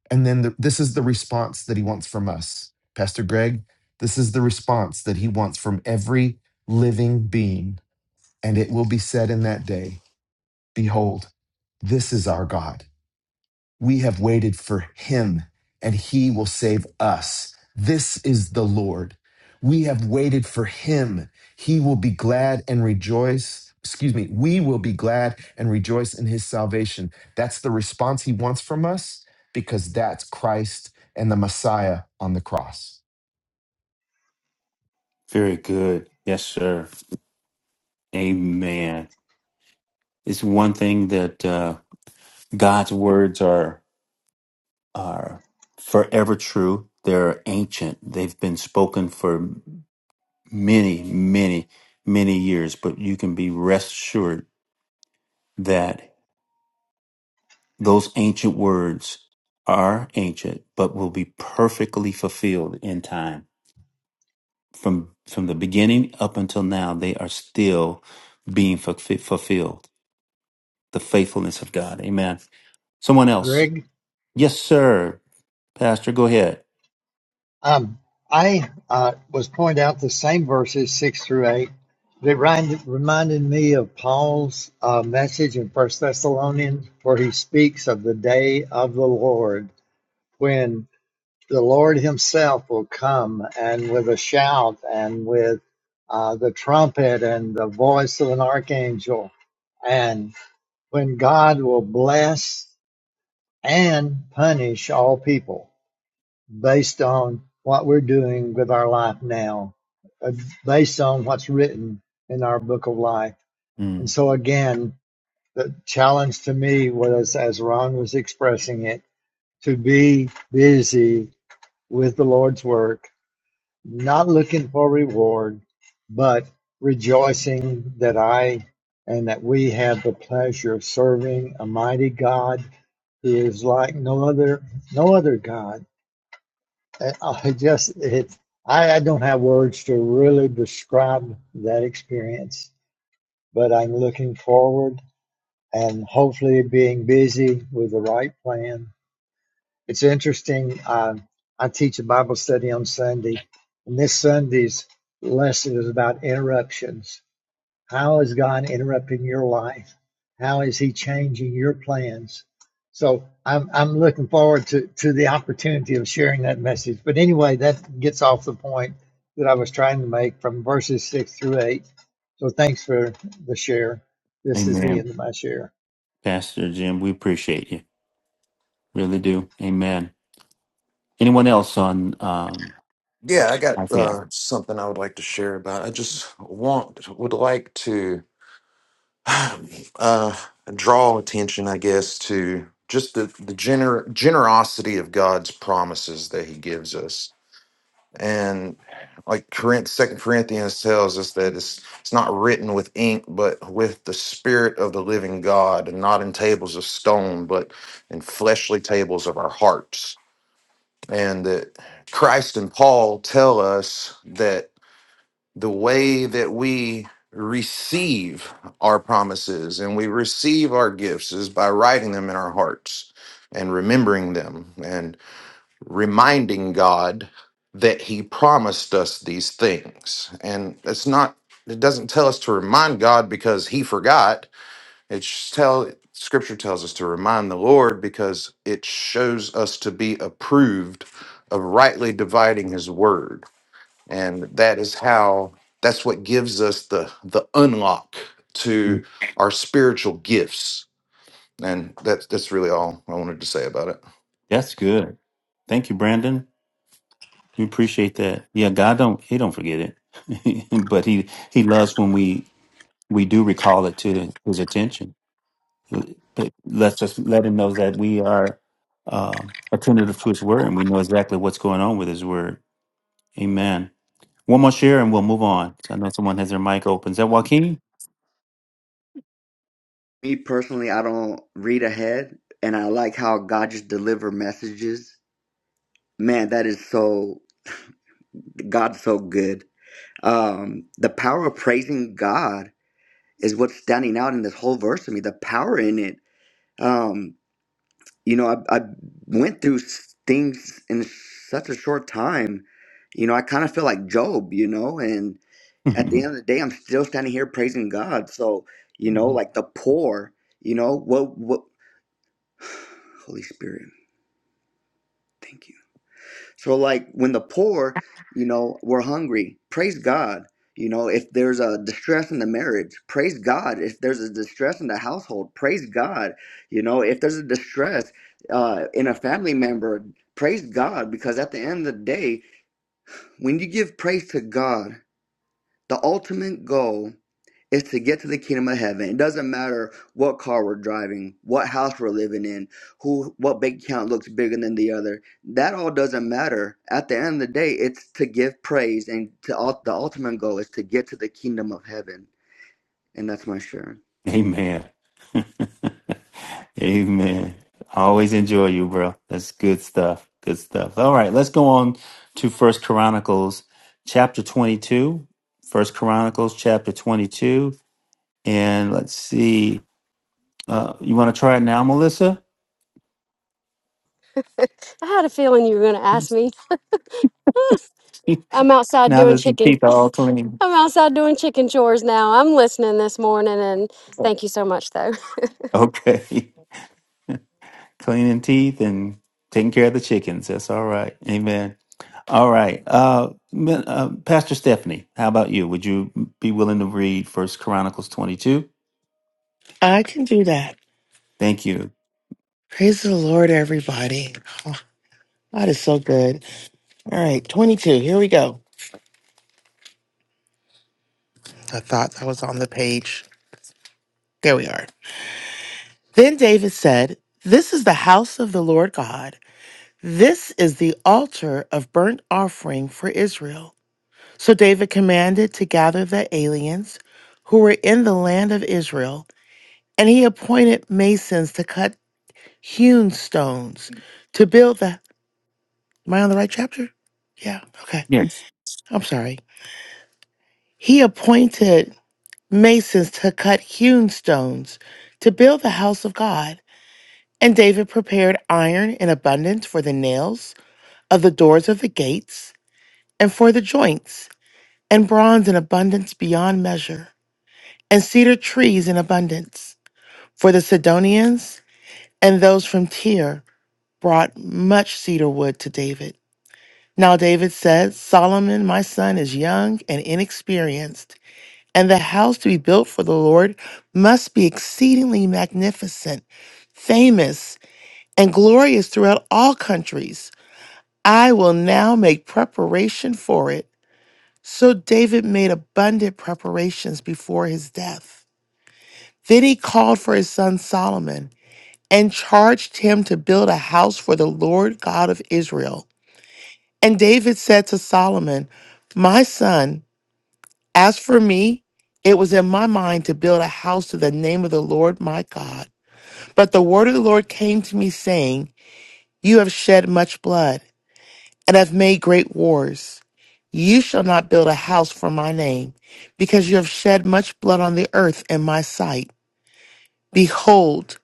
Speaker 1: And then the, this is the response that he wants from us. Pastor Greg, this is the response that he wants from every living being. And it will be said in that day Behold, this is our God. We have waited for him and he will save us. This is the Lord. We have waited for him. He will be glad and rejoice. Excuse me. We will be glad and rejoice in his salvation. That's the response he wants from us because that's Christ and the Messiah on the cross.
Speaker 2: Very good. Yes, sir. Amen. It's one thing that uh, God's words are are forever true. They're ancient. They've been spoken for many, many, many years. But you can be rest assured that those ancient words are ancient, but will be perfectly fulfilled in time. From from the beginning up until now, they are still being fulfi- fulfilled. the faithfulness of God. Amen. Someone else.
Speaker 12: Greg.
Speaker 2: Yes, sir. Pastor, go ahead.
Speaker 12: Um, I uh, was pointing out the same verses six through eight. They remind, reminded me of Paul's uh, message in First Thessalonians, where he speaks of the day of the Lord when the Lord Himself will come and with a shout and with uh, the trumpet and the voice of an archangel, and when God will bless and punish all people. based on what we're doing with our life now, uh, based on what's written in our book of life. And
Speaker 2: Mm.
Speaker 12: so, again, the challenge to me was, as Ron was expressing it, to be busy with the Lord's work, not looking for reward, but rejoicing that I and that we have the pleasure of serving a mighty God who is like no other, no other God I just it I, I don't have words to really describe that experience, but I'm looking forward and hopefully being busy with the right plan. It's interesting. Um, I teach a Bible study on Sunday, and this Sunday's lesson is about interruptions how is God interrupting your life? How is He changing your plans? So I'm I'm looking forward to to the opportunity of sharing that message. But anyway, that gets off the point that I was trying to make from verses six through eight. So thanks for the share. This is the
Speaker 2: Amen.
Speaker 12: end of my share.
Speaker 2: Pastor Jim, we appreciate you. Really do. Amen. Anyone else on um
Speaker 13: Yeah, I got
Speaker 2: Isaiah?
Speaker 13: uh, something I would like to share about. I just want would like to <sighs> uh, draw attention, I guess, to just the the gener- generosity of God's promises that He gives us, and like Corinth, Second Corinthians tells us that it's it's not written with ink, but with the Spirit of the Living God, and not in tables of stone, but in fleshly tables of our hearts, and that Christ and Paul tell us that the way that we receive our promises and we receive our gifts is by writing them in our hearts and remembering them and reminding God that he promised us these things. And it's not it doesn't tell us to remind God because he forgot. It sh- tell scripture tells us to remind the Lord because it shows us to be approved of rightly dividing his word and that is how that's what gives us the the unlock to
Speaker 2: Mm.
Speaker 13: our spiritual gifts and that's that's really all i wanted to say about it
Speaker 2: That's good. Thank you, Brandon. We appreciate that. Yeah, God don't he don't forget it. <laughs> but he he loves when we we do recall it to his attention. But Let's just let him know that we are uh, attentive to his word and we know exactly what's going on with his word. Amen. One more share and we'll move on. I know someone has their mic open. Is that Joaquin?
Speaker 4: me personally, I don't read ahead, and I like how God just deliver messages. Man, that is so God's so good. Um, the power of praising God is what's standing out in this whole verse to me. The power in it. Um, you know, I, I went through s- things in such a short time. You know, I kind of feel like Job. You know, and
Speaker 2: <laughs>
Speaker 4: at the end of the day, I'm still standing here praising God. So, you know, like the poor. You know, what what. <sighs> Holy Spirit Thank you. So, like when the poor, you know, were hungry, praise God. You know, if there's a distress in the marriage, praise God. If there's a distress in the household, praise God. You know, if there's a distress uh, in a family member, praise God. Because at the end of the day, when you give praise to God, the ultimate goal is to get to the kingdom of heaven. It doesn't matter what car we're driving, what house we're living in, who what bank account looks bigger than the other. That all doesn't matter. At the end of the day, it's to give praise and to the ultimate goal is to get to the kingdom of heaven. And that's my share.
Speaker 2: Amen. <laughs> Amen. I always enjoy you, bro. That's good stuff. Good stuff. All right, let's go on to First Chronicles chapter 22. First Chronicles chapter 22. And let's see. Uh, you want to try it now, Melissa?
Speaker 10: I had a feeling you were going to
Speaker 2: <laughs>
Speaker 10: ask me.
Speaker 2: now
Speaker 10: I'm outside doing
Speaker 2: that we
Speaker 10: chicken. <laughs>
Speaker 2: can.
Speaker 10: I'm outside doing chicken chores now. I'm listening this morning, and thank you so much, though.
Speaker 2: Okay. <laughs> cleaning teeth and taking care of the chickens. That's all right. Amen. All right. Uh, men- uh, Pastor Stephanie, how about you? Would you be willing to read First Chronicles 22?
Speaker 14: I can do that.
Speaker 2: Thank you.
Speaker 14: Praise the Lord, everybody. Oh, that is so good. All right, 22. Here we go. I thought that was on the page. There we are. Then David said, This is the house of the Lord God. This is the altar of burnt offering for Israel. So David commanded to gather the aliens who were in the land of Israel, and he appointed masons to cut hewn stones to build the. Am I on the right chapter? Yeah, okay.
Speaker 2: Yes.
Speaker 14: I'm sorry. He appointed masons to cut hewn stones to build the house of God. And David prepared iron in abundance for the nails of the doors of the gates and for the joints, and bronze in abundance beyond measure, and cedar trees in abundance. For the Sidonians and those from Tyre brought much cedar wood to David. Now David said, Solomon, my son, is young and inexperienced And the house to be built for the Lord must be exceedingly magnificent, famous, and glorious throughout all countries. I will now make preparation for it. So David made abundant preparations before his death. Then he called for his son Solomon and charged him to build a house for the Lord God of Israel. And David said to Solomon, My son, As for me, it was in my mind to build a house to the name of the Lord my God. But the word of the Lord came to me, saying, You have shed much blood and have made great wars. You shall not build a house for my name, because you have shed much blood on the earth in my sight. Behold,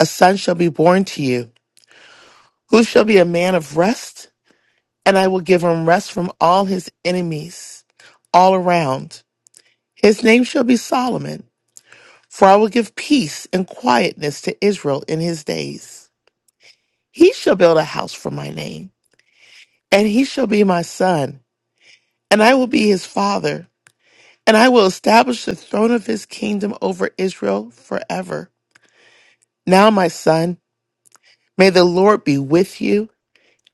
Speaker 14: a son shall be born to you, who shall be a man of rest, and I will give him rest from all his enemies all around. His name shall be Solomon For I will give peace and quietness to Israel in his days. He shall build a house for my name, and he shall be my son, and I will be his father, and I will establish the throne of his kingdom over Israel forever. Now, my son, may the Lord be with you,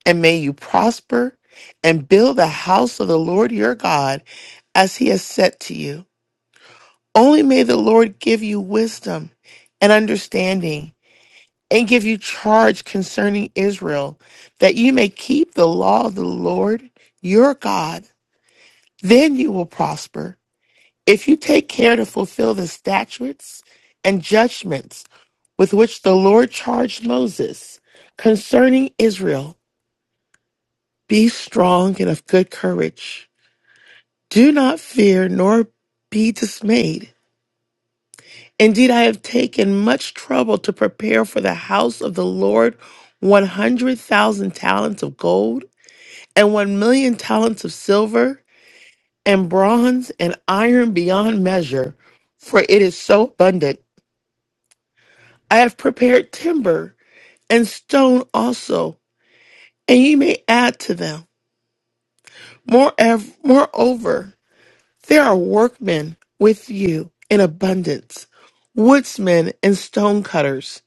Speaker 14: and may you prosper and build the house of the Lord your God as he has said to you. Only may the Lord give you wisdom and understanding and give you charge concerning Israel, that you may keep the law of the Lord your God. Then you will prosper. If you take care to fulfill the statutes and judgments with which the Lord charged Moses concerning Israel, be strong and of good courage. Do not fear nor be dismayed. Indeed, I have taken much trouble to prepare for the house of the Lord 100,000 talents of gold and one million talents of silver and bronze and iron beyond measure, for it is so abundant. I have prepared timber and stone also, and ye may add to them. Moreover, moreover, there are workmen with you in abundance, woodsmen and stone cutters,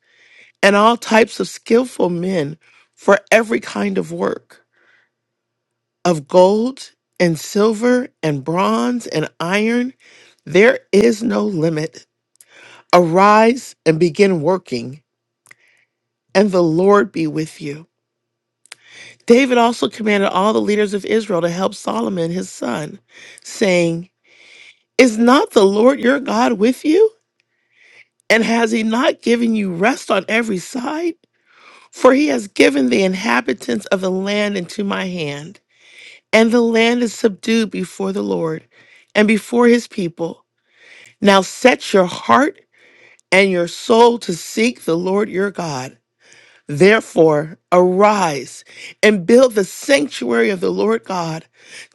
Speaker 14: and all types of skillful men for every kind of work. of gold and silver and bronze and iron, there is no limit. Arise and begin working, and the Lord be with you. David also commanded all the leaders of Israel to help Solomon his son, saying, Is not the Lord your God with you? And has he not given you rest on every side? For he has given the inhabitants of the land into my hand, and the land is subdued before the Lord and before his people. Now set your heart and your soul to seek the Lord your God. Therefore, arise and build the sanctuary of the Lord God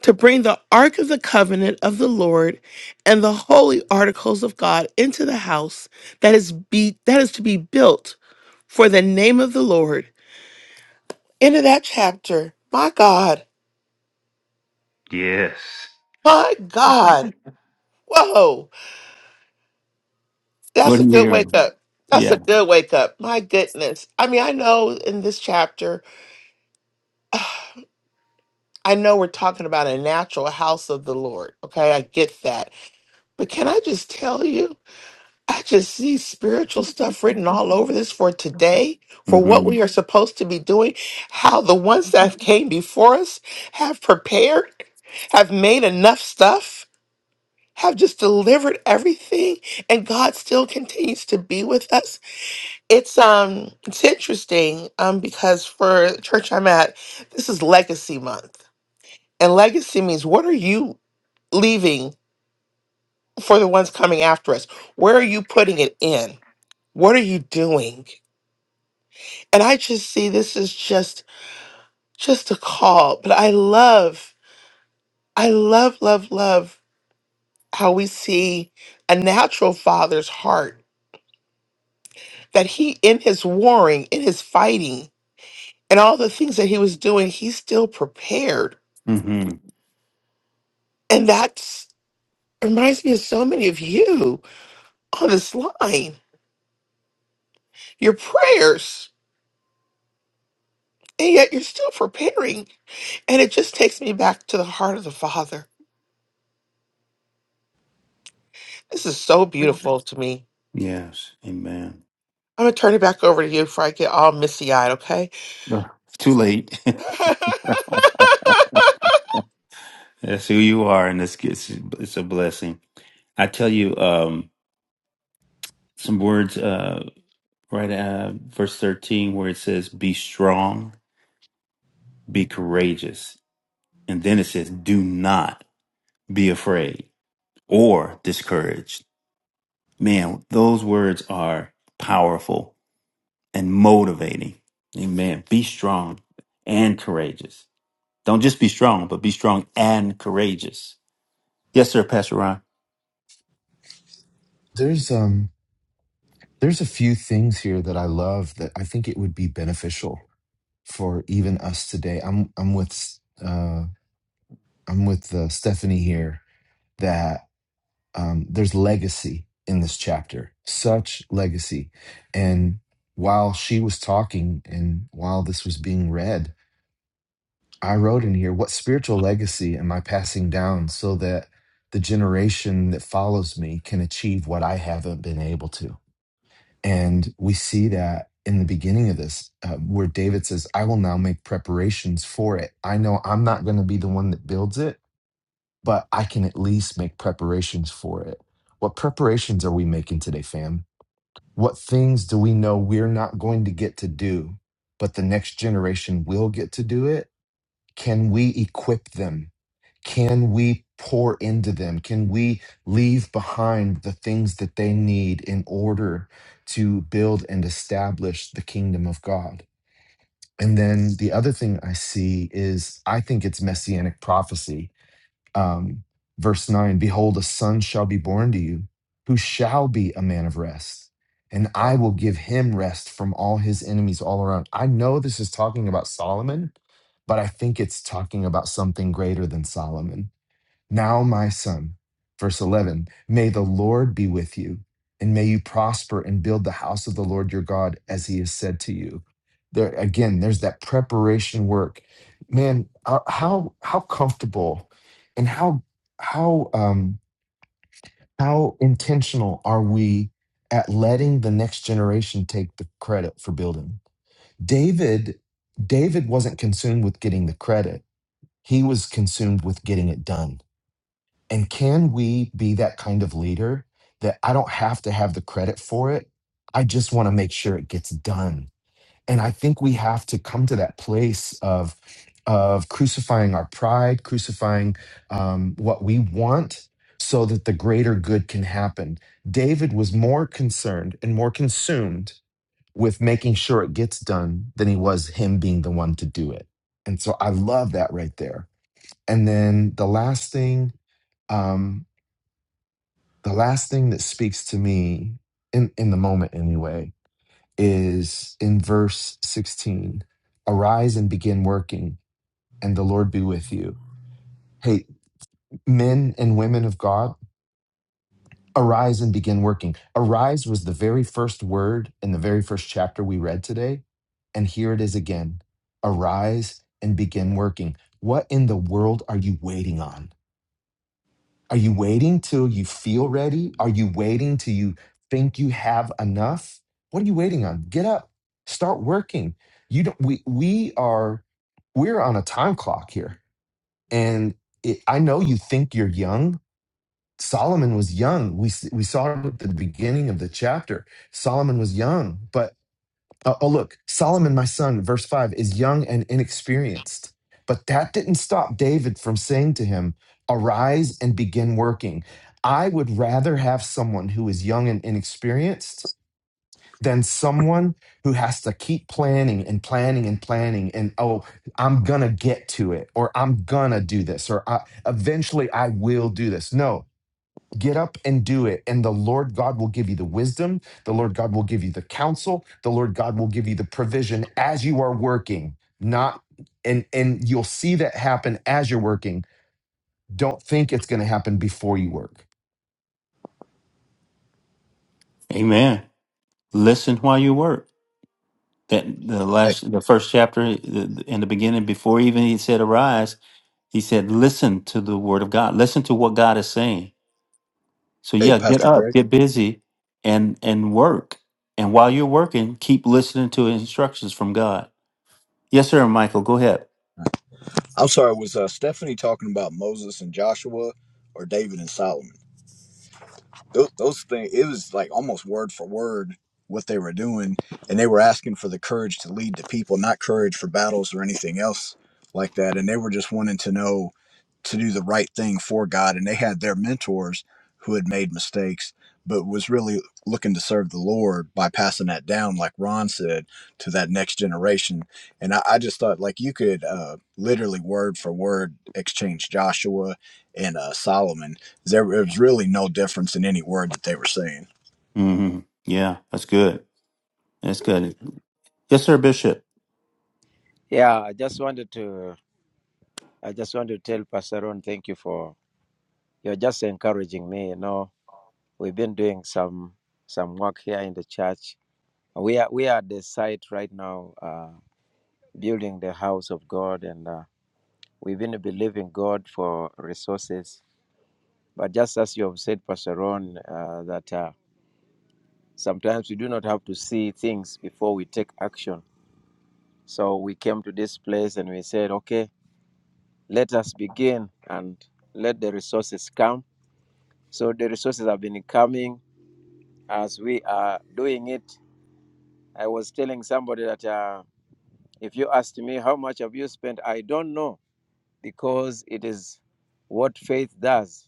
Speaker 14: to bring the ark of the covenant of the Lord and the holy articles of God into the house that is be that is to be built for the name of the Lord. End of that chapter. My God.
Speaker 2: Yes.
Speaker 14: My God. Whoa. That's
Speaker 2: Good
Speaker 14: a
Speaker 2: to hear.
Speaker 14: good wake
Speaker 2: hearing?
Speaker 14: up. That's
Speaker 2: Yeah.
Speaker 14: a good wake up. My goodness. I mean, I know in this chapter, <sighs> I know we're talking about a natural house of the Lord. Okay, I get that. But can I just tell you, I just see spiritual stuff written all over this for today, for what
Speaker 2: hmm
Speaker 14: we are supposed to be doing, how the ones that came before us have prepared, have made enough stuff, have just delivered everything, and God still continues to be with us It's um it's interesting um because for the church I'm at, this is legacy month. And legacy means what are you leaving for the ones coming after us? Where are you putting it in? What are you doing? And I just see this is just just a call, but I love I love love love how we see a natural father's heart that he in his warring, in his fighting, and all the things that he was doing, he's still prepared
Speaker 2: hmm
Speaker 14: And that's reminds me of so many of you on this line. Your prayers, and yet you're still preparing. And it just takes me back to the heart of the Father. This is so beautiful to me.
Speaker 2: Yes. Amen.
Speaker 14: I'm gonna turn it back over to you before I get all misty eyed, okay?
Speaker 2: Ugh, It's too late.
Speaker 14: <laughs>
Speaker 2: <laughs> That's who you are, and it's, it's, it's a blessing. I tell you um, some words uh, right at uh, verse 13 where it says, Be strong be courageous. And then it says, do not be afraid or discouraged. Man, those words are powerful and motivating. Amen. Be strong and courageous. Don't just be strong, but be strong and courageous. Yes, sir, Pastor Ron.
Speaker 1: There's um there's a few things here that I love that I think it would be beneficial for even us today. I'm I'm with uh I'm with uh, Stephanie here that um, there's legacy in this chapter, such legacy. And while she was talking and while this was being read, I wrote in here, What spiritual legacy am I passing down so that the generation that follows me can achieve what I haven't been able to? And we see that in the beginning of this, uh, where David says, I will now make preparations for it. I know I'm not going to be the one that builds it but I can at least make preparations for it. What preparations are we making today, fam? What things do we know we're not going to get to do, but the next generation will get to do it? Can we equip them? Can we pour into them? Can we leave behind the things that they need in order to build and establish the kingdom of God? And then the other thing I see is I think it's messianic prophecy um, verse 9 Behold, a son shall be born to you, who shall be a man of rest, and I will give him rest from all his enemies all around. I know this is talking about Solomon, but I think it's talking about something greater than Solomon now, my son, verse 11, may the Lord be with you, and may you prosper and build the house of the Lord your God as he has said to you. There again, there's that preparation work. Man, uh, how how comfortable and how how um how intentional are we at letting the next generation take the credit for building? David David wasn't consumed with getting the credit. He was consumed with getting it done and can we be that kind of leader that I don't have to have the credit for it? I just want to make sure it gets done. And I think we have to come to that place of of crucifying our pride, crucifying um, what we want, so that the greater good can happen. David was more concerned and more consumed with making sure it gets done than he was him being the one to do it. And so I love that right there. And then the last thing. um, the last thing that speaks to me in in the moment anyway is in verse 16 arise and begin working and the lord be with you hey men and women of god arise and begin working arise was the very first word in the very first chapter we read today and here it is again arise and begin working what in the world are you waiting on Are you waiting till you feel ready? Are you waiting till you think you have enough? What are you waiting on? Get up. Start working. You don't we we are we're on a time clock here. And it, I know you think you're young. Solomon was young. We s- we saw it at the beginning of the chapter. Solomon was young, but. Uh, oh, look, Solomon, my son, verse 5, is young and inexperienced. But that didn't stop David from saying to him, Arise and begin working. I would rather have someone who is young and inexperienced than someone who has to keep planning and planning and planning and oh i'm gonna get to it or i'm gonna do this or I, eventually i will do this no Get up and do it. And the Lord God will give you the wisdom. The Lord God will give you the counsel. The Lord God will give you the provision as you are working, not and and you'll see that happen as you're working. Don't think it's going to happen before you work.
Speaker 2: Amen. Listen while you work. That the
Speaker 15: Hey,
Speaker 2: last, the first chapter the- in the beginning, before even he said arise, he said, listen to the word of God. Listen to what God is saying So
Speaker 15: hey,
Speaker 2: yeah, get
Speaker 15: Pastor
Speaker 2: up,
Speaker 15: Greg.
Speaker 2: get busy, and and work. And while you're working, keep listening to instructions from God. Yes, sir, Michael. Go ahead.
Speaker 15: I'm sorry. Was uh, Stephanie talking about Moses and Joshua, or David and Solomon? Those, those things. It was like almost word for word what they were doing, and they were asking for the courage to lead the people, not courage for battles or anything else like that. And they were just wanting to know. to do the right thing for God. And they had their mentors who had made mistakes, but was really looking to serve the Lord by passing that down, like Ron said, to that next generation. And I, I just thought, like, you could uh, literally word for word exchange Joshua and uh, Solomon. There was really no difference in any word that they were saying.
Speaker 2: hmm Yeah, that's good. That's good. Yes, sir, Bishop.
Speaker 3: Yeah, I just wanted to I just want to tell Pastor Ron, thank you for you're just encouraging me. You know, we've been doing some some work here in the church. We are we are at the site right now, uh, building the house of God, and uh, we've been believing God for resources. But just as you have said, Pastor Ron, uh, that uh, sometimes we do not have to see things before we take action So we came to this place and we said, okay, let us begin and let the resources come. So the resources have been coming as we are doing it. I was telling somebody that uh, if you asked me how much have you spent, I don't know because it is what faith does.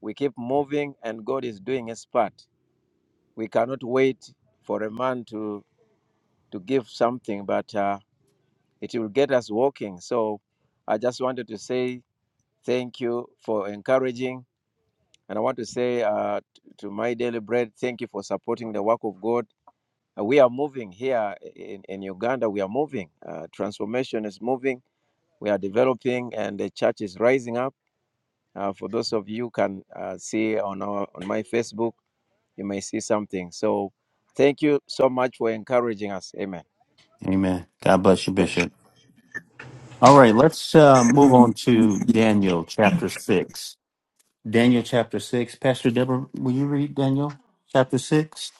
Speaker 3: We keep moving and God is doing his part. We cannot wait for a man to, to give something, but uh, it will get us walking. So I just wanted to say Thank you for encouraging. And I want to say uh, to my daily bread, thank you for supporting the work of God. Uh, we are moving here in, in Uganda. We are moving. Uh, transformation is moving. We are developing, and the church is rising up. Uh, for those of you who can uh, see on our on my Facebook, you may see something. So, thank you so much for encouraging us. Amen.
Speaker 2: Amen. God bless you, Bishop. All right, let's uh, move on to Daniel chapter six. Daniel chapter six. Pastor Deborah, will you read Daniel chapter six?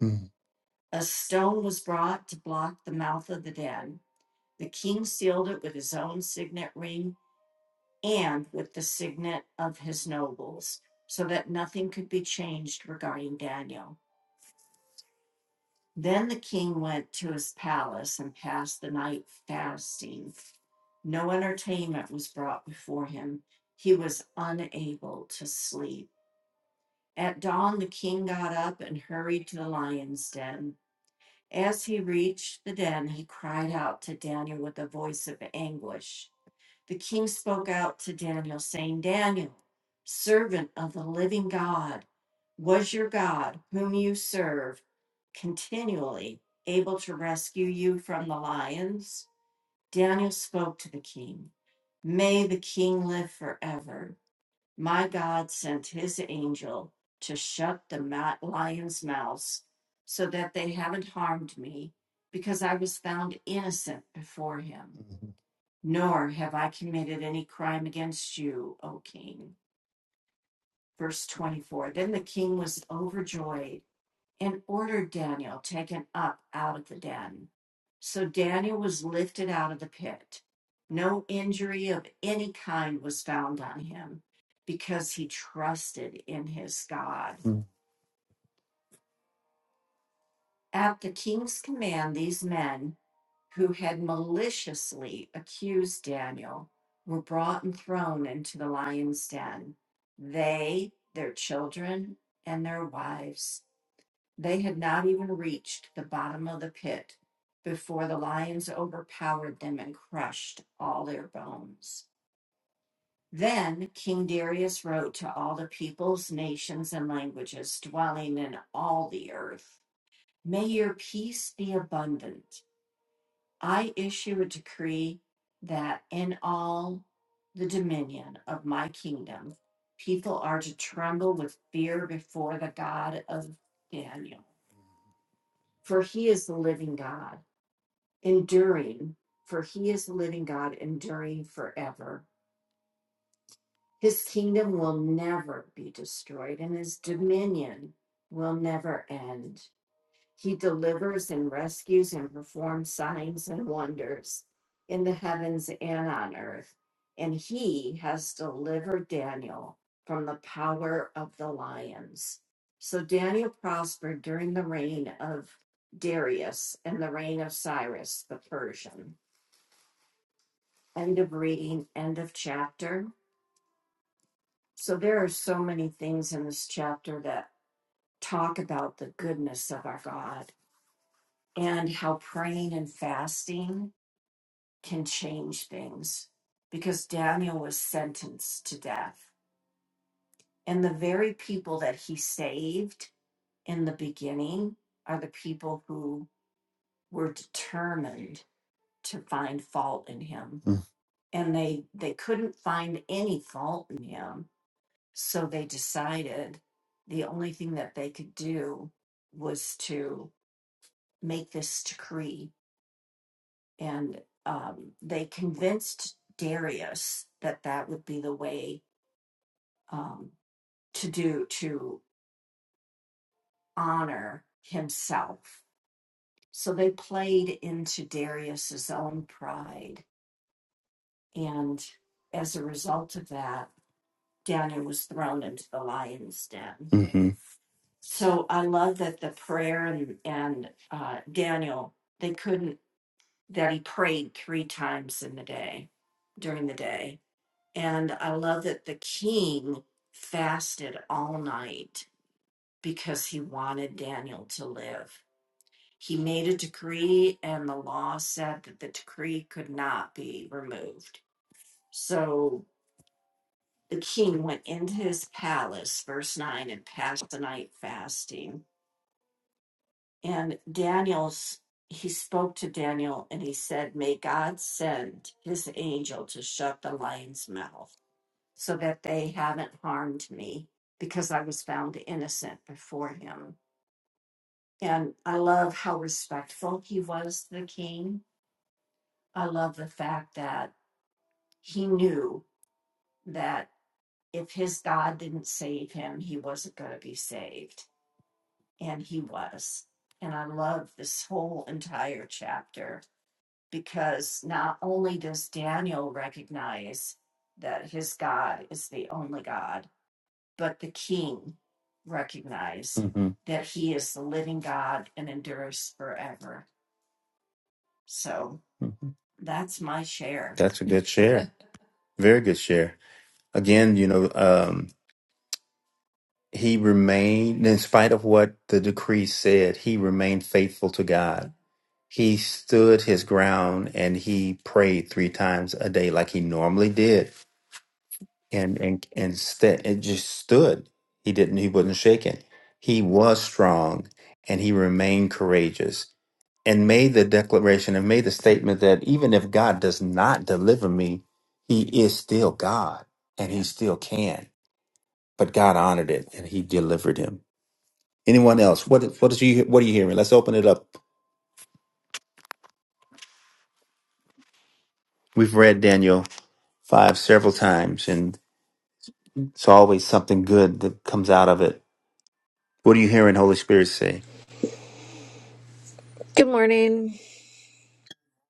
Speaker 2: Mhm. Mhm. hmm hmm hmm That's a good share. Very good share. Again, you know, um, he remained, in spite of what the decree said, he remained faithful to God. He stood his ground and he prayed three times a day like he normally did. And and and st- it just stood. He didn't he wasn't shaken. He was strong and he remained courageous. and made the declaration and made the statement that even if God does not deliver me, he is still God and he still can. But God honored it and he delivered him. Anyone else? What what is you what are you hearing? Let's open it up. We've read Daniel 5 several times and it's always something good that comes out of it. What are you hearing Holy Spirit say?
Speaker 16: Good morning.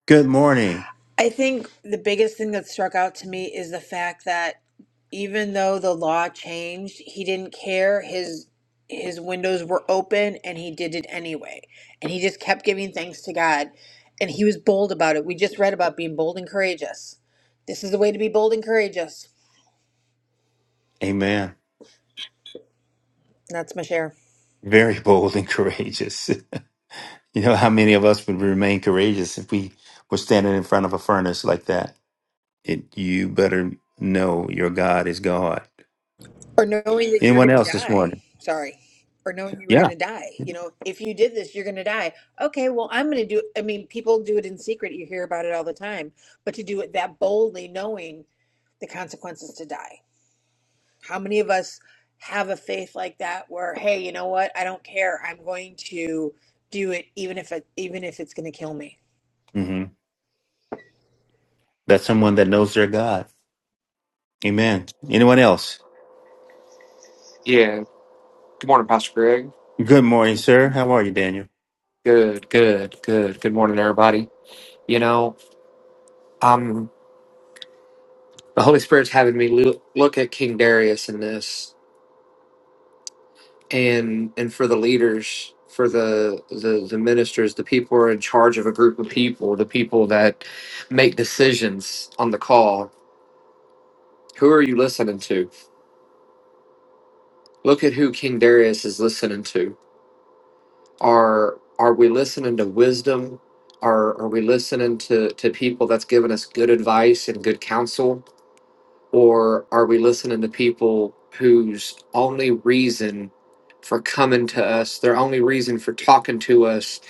Speaker 2: Good morning.
Speaker 16: I think the biggest thing that struck out to me is the fact that even though the law changed, he didn't care. His his windows were open and he did it anyway. And he just kept giving thanks to God. And he was bold about it. We just read about being bold and courageous. This is the way to be bold and courageous.
Speaker 2: Amen.
Speaker 16: And that's my share.
Speaker 2: Very bold and <laughs> courageous. you know how many of us would remain courageous if we were standing in front of a furnace like that? It, you better know your God is God.
Speaker 16: or knowing that you're
Speaker 2: Anyone
Speaker 16: going to
Speaker 2: else this
Speaker 16: die
Speaker 2: morning?
Speaker 16: sorry or knowing you were going
Speaker 2: Yeah.
Speaker 16: to die you know if you did this you're going to die okay well i'm going to do i mean people do it in secret you hear about it all the time but to do it that boldly knowing the consequences to die how many of us have a faith like that where hey you know what i don't care i'm going to do it even if it even if it's going to kill me
Speaker 2: hmm That's someone that knows their God. Amen. Anyone else?
Speaker 17: Yeah. Good morning, Pastor Greg.
Speaker 2: Good morning, sir. How are you, Daniel?
Speaker 17: Good, good, good. Good morning, everybody. You know, um, the Holy Spirit's having me loo- look at King Darius in this, and and for the leaders, for the the the ministers, the people who are in charge of a group of people, the people that make decisions on the call. Who are you listening to? Look at who King Darius is listening to. Are are we listening to wisdom? Are are we listening to to people that's giving us good advice and good counsel? Or are we listening to people whose only reason for coming to us, their only reason for talking to us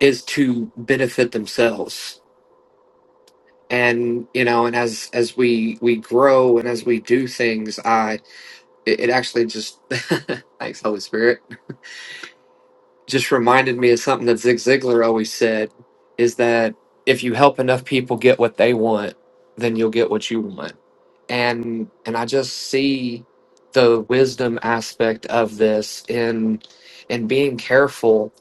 Speaker 17: is to benefit themselves? And you know, and as as we we grow and as we do things, I it, it actually just <laughs> thanks Holy Spirit just reminded me of something that Zig Ziglar always said is that if you help enough people get what they want, then you'll get what you want. And and I just see the wisdom aspect of this in in being careful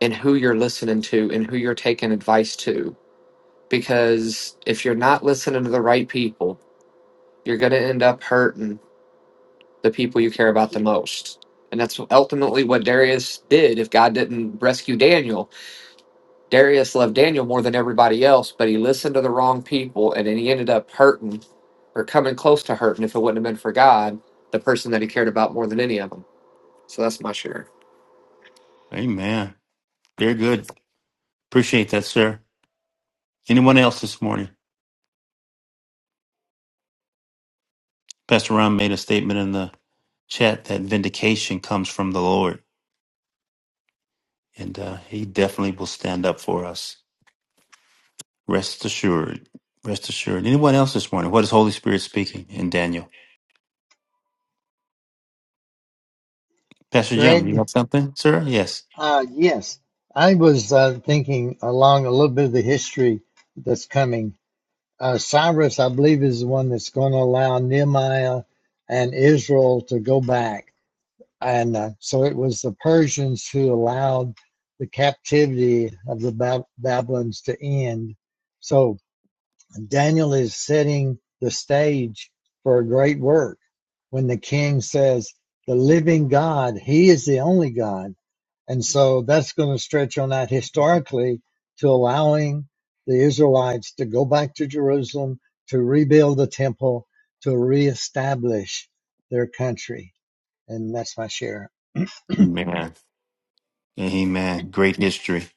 Speaker 17: in who you're listening to and who you're taking advice to because if you're not listening to the right people, you're going to end up hurting the people you care about the most. And that's ultimately what Darius did if God didn't rescue Daniel Darius loved Daniel more than everybody else, but he listened to the wrong people and then he ended up hurting or coming close to hurting if it wouldn't have been for God, the person that he cared about more than any of them. So that's my share.
Speaker 2: Amen. Very good. Appreciate that, sir. Anyone else this morning? Pastor Ron made a statement in the chat that vindication comes from the Lord, and uh, He definitely will stand up for us. Rest assured. Rest assured. Anyone else this morning? What is Holy Spirit speaking in Daniel? Pastor Jim, you
Speaker 12: Greg,
Speaker 2: have something, sir? Yes.
Speaker 12: uh, yes, I was uh, thinking along a little bit of the history that's coming. uh, Cyrus, I believe, is the one that's going to allow Nehemiah and Israel to go back. And uh, so it was the Persians who allowed the captivity of the Bab- Babylons to end. So Daniel is setting the stage for a great work when the king says, The living God, He is the only God. And so that's going to stretch on out historically to allowing the Israelites to go back to Jerusalem, to rebuild the temple, to reestablish their country. And that's my share.
Speaker 2: Amen. Amen. Great history.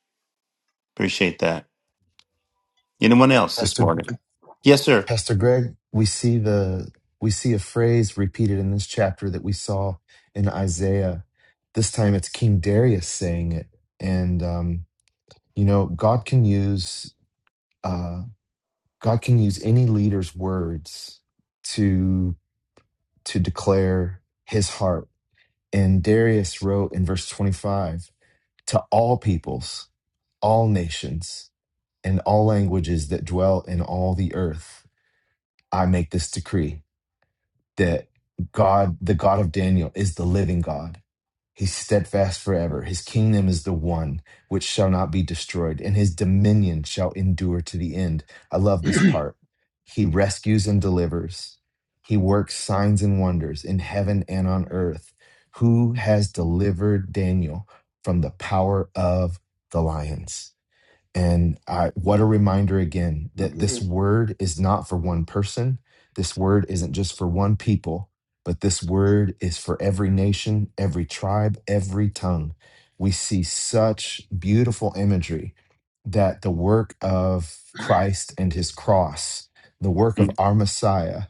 Speaker 2: Appreciate that. Anyone else this
Speaker 1: Pastor
Speaker 2: morning? Yes, sir.
Speaker 1: Pastor Greg, we see the we see a phrase repeated in this chapter that we saw in Isaiah. This time it's King Darius saying it, and um, you know God can use. Uh, God can use any leader's words to to declare his heart. And Darius wrote in verse 25 to all peoples, all nations, and all languages that dwell in all the earth, I make this decree that God, the God of Daniel, is the living God He's steadfast forever. His kingdom is the one which shall not be destroyed, and his dominion shall endure to the end. I love this
Speaker 12: <clears throat>
Speaker 1: part. He rescues and delivers. He works signs and wonders in heaven and on earth. Who has delivered Daniel from the power of the lions? And I, what a reminder again that this word is not for one person. This word isn't just for one people, but this word is for every nation, every tribe, every tongue. We see such beautiful imagery that the work of Christ and his cross, the work of
Speaker 2: Mm.
Speaker 1: our Messiah,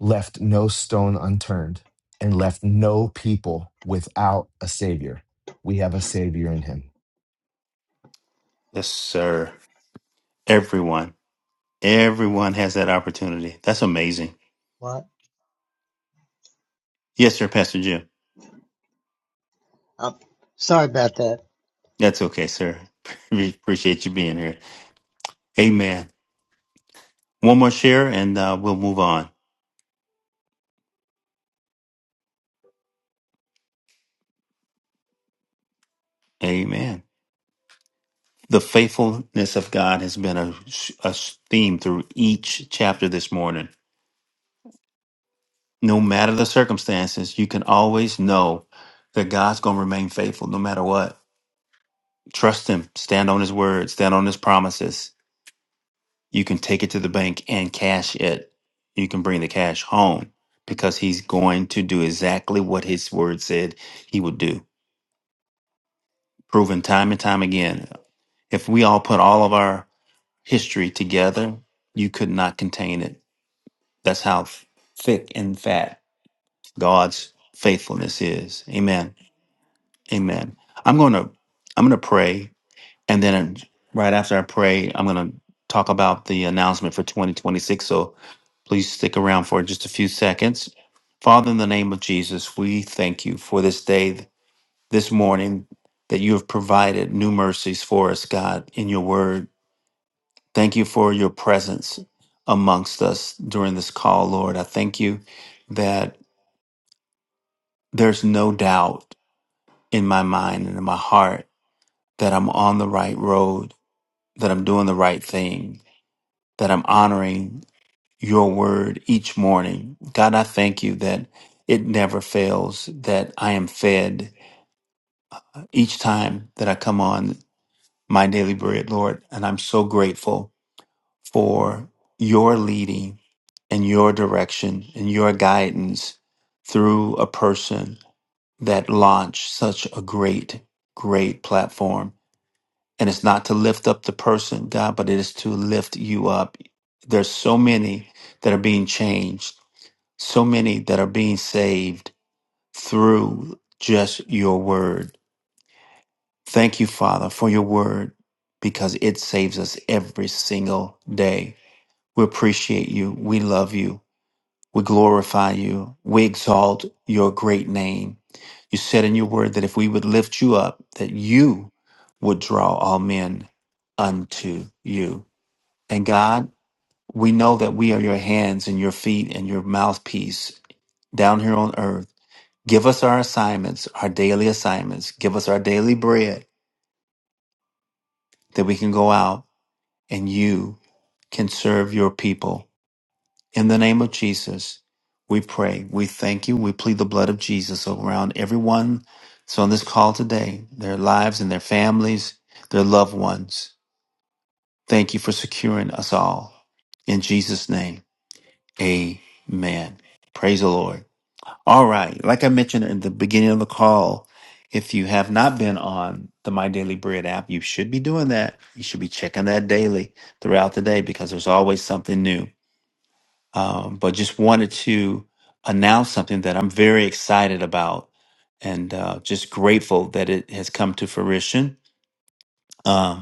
Speaker 1: left no stone unturned and left no people without a Savior. We have a Savior in him.
Speaker 2: Yes, sir. Everyone. Everyone has that opportunity. That's amazing.
Speaker 12: what?
Speaker 2: Yes, sir, Pastor Jim.
Speaker 12: I'm sorry about that.
Speaker 2: That's okay, sir. <laughs> We Appreciate you being here. Amen. One more share and uh, we'll move on. Amen. The faithfulness of God has been a, a theme through each chapter this morning no matter the circumstances, you can always know that God's going to remain faithful no matter what. Trust Him, stand on His word, stand on His promises. You can take it to the bank and cash it. You can bring the cash home because He's going to do exactly what His word said He would do, proven time and time again. If we all put all of our history together, you could not contain it. That's how thick and fat God's faithfulness is. Amen. Amen. I'm going to I'm going to pray and then right after I pray, I'm going to talk about the announcement for 2026. So please stick around for just a few seconds. Father, in the name of Jesus, we thank you for this day, this morning that you have provided new mercies for us, God, in your word. Thank you for your presence amongst us during this call, Lord. I thank you that there's no doubt in my mind and in my heart that I'm on the right road that I'm doing the right thing, that I'm honoring your word each morning. God, I thank you that it never fails, that I am fed each time that I come on my daily bread, Lord. And I'm so grateful for your leading and your direction and your guidance through a person that launched such a great, great platform. And it's not to lift up the person, God, but it is to lift you up. There's so many that are being changed, so many that are being saved through just your word. Thank you, Father, for your word because it saves us every single day. We appreciate you. We love you. We glorify you. We exalt your great name. You said in your word that if we would lift you up, that you would draw all men unto you. And God, we know that we are your hands and your feet and your mouthpiece down here on earth. Give us our assignments, our daily assignments. Give us our daily bread that we can go out and you can serve your people. In the name of Jesus, we pray. We thank you. We plead the blood of Jesus around everyone that's on this call today, their lives and their families, their loved ones. Thank you for securing us all. In Jesus' name. Amen. Praise the Lord. All right. Like I mentioned in the beginning of the call, if you have not been on the My Daily Bread app, you should be doing that. You should be checking that daily throughout the day because there's always something new. Um, but just wanted to announce something that I'm very excited about and uh, just grateful that it has come to fruition. Um,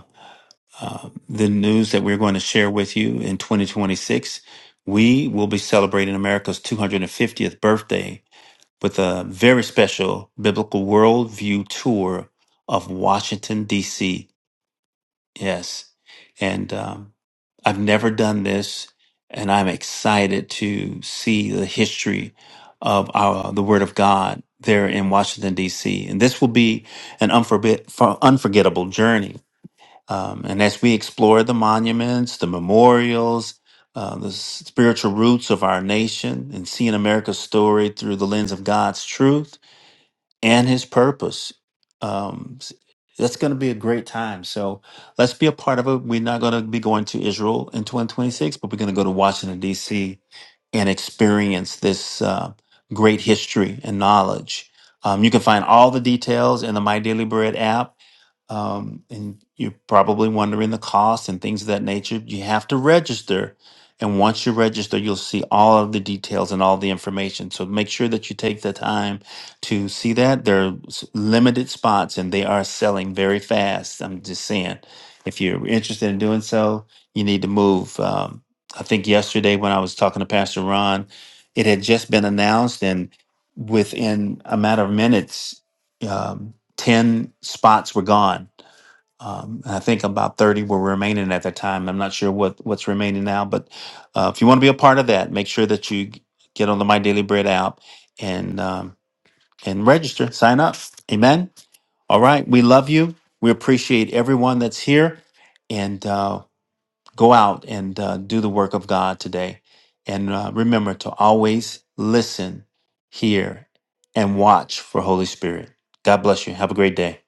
Speaker 2: uh, the news that we're going to share with you in 2026. We will be celebrating America's 250th birthday with a very special biblical worldview tour of Washington, D.C. Yes. And um, I've never done this, and I'm excited to see the history of our, the Word of God there in Washington, D.C. And this will be an unforget- unforgettable journey um, and as we explore the monuments, the memorials, uh, the spiritual roots of our nation, and seeing America's story through the lens of God's truth and his purpose, um, s- that's going to be a great time. So let's be a part of it. We're not going to be going to Israel in 2026, but we're going to go to Washington, D.C. and experience this uh, great history and knowledge. Um, you can find all the details in the My Daily Bread app um, and you're probably wondering the cost and things of that nature. You have to register, and once you register, you'll see all of the details and all the information. So make sure that you take the time to see that. There are s- limited spots, and they are selling very fast. I'm just saying, if you're interested in doing so, you need to move. Um, I think yesterday when I was talking to Pastor Ron, it had just been announced, and within a matter of minutes. um, 10 spots were gone. Um, and I think about 30 were remaining at that time. I'm not sure what, what's remaining now, but uh, if you want to be a part of that, make sure that you g- get on the My Daily Bread app and, um, and register, sign up. Amen. All right. We love you. We appreciate everyone that's here and uh, go out and uh, do the work of God today. And uh, remember to always listen, hear, and watch for Holy Spirit. God bless you. Have a great day.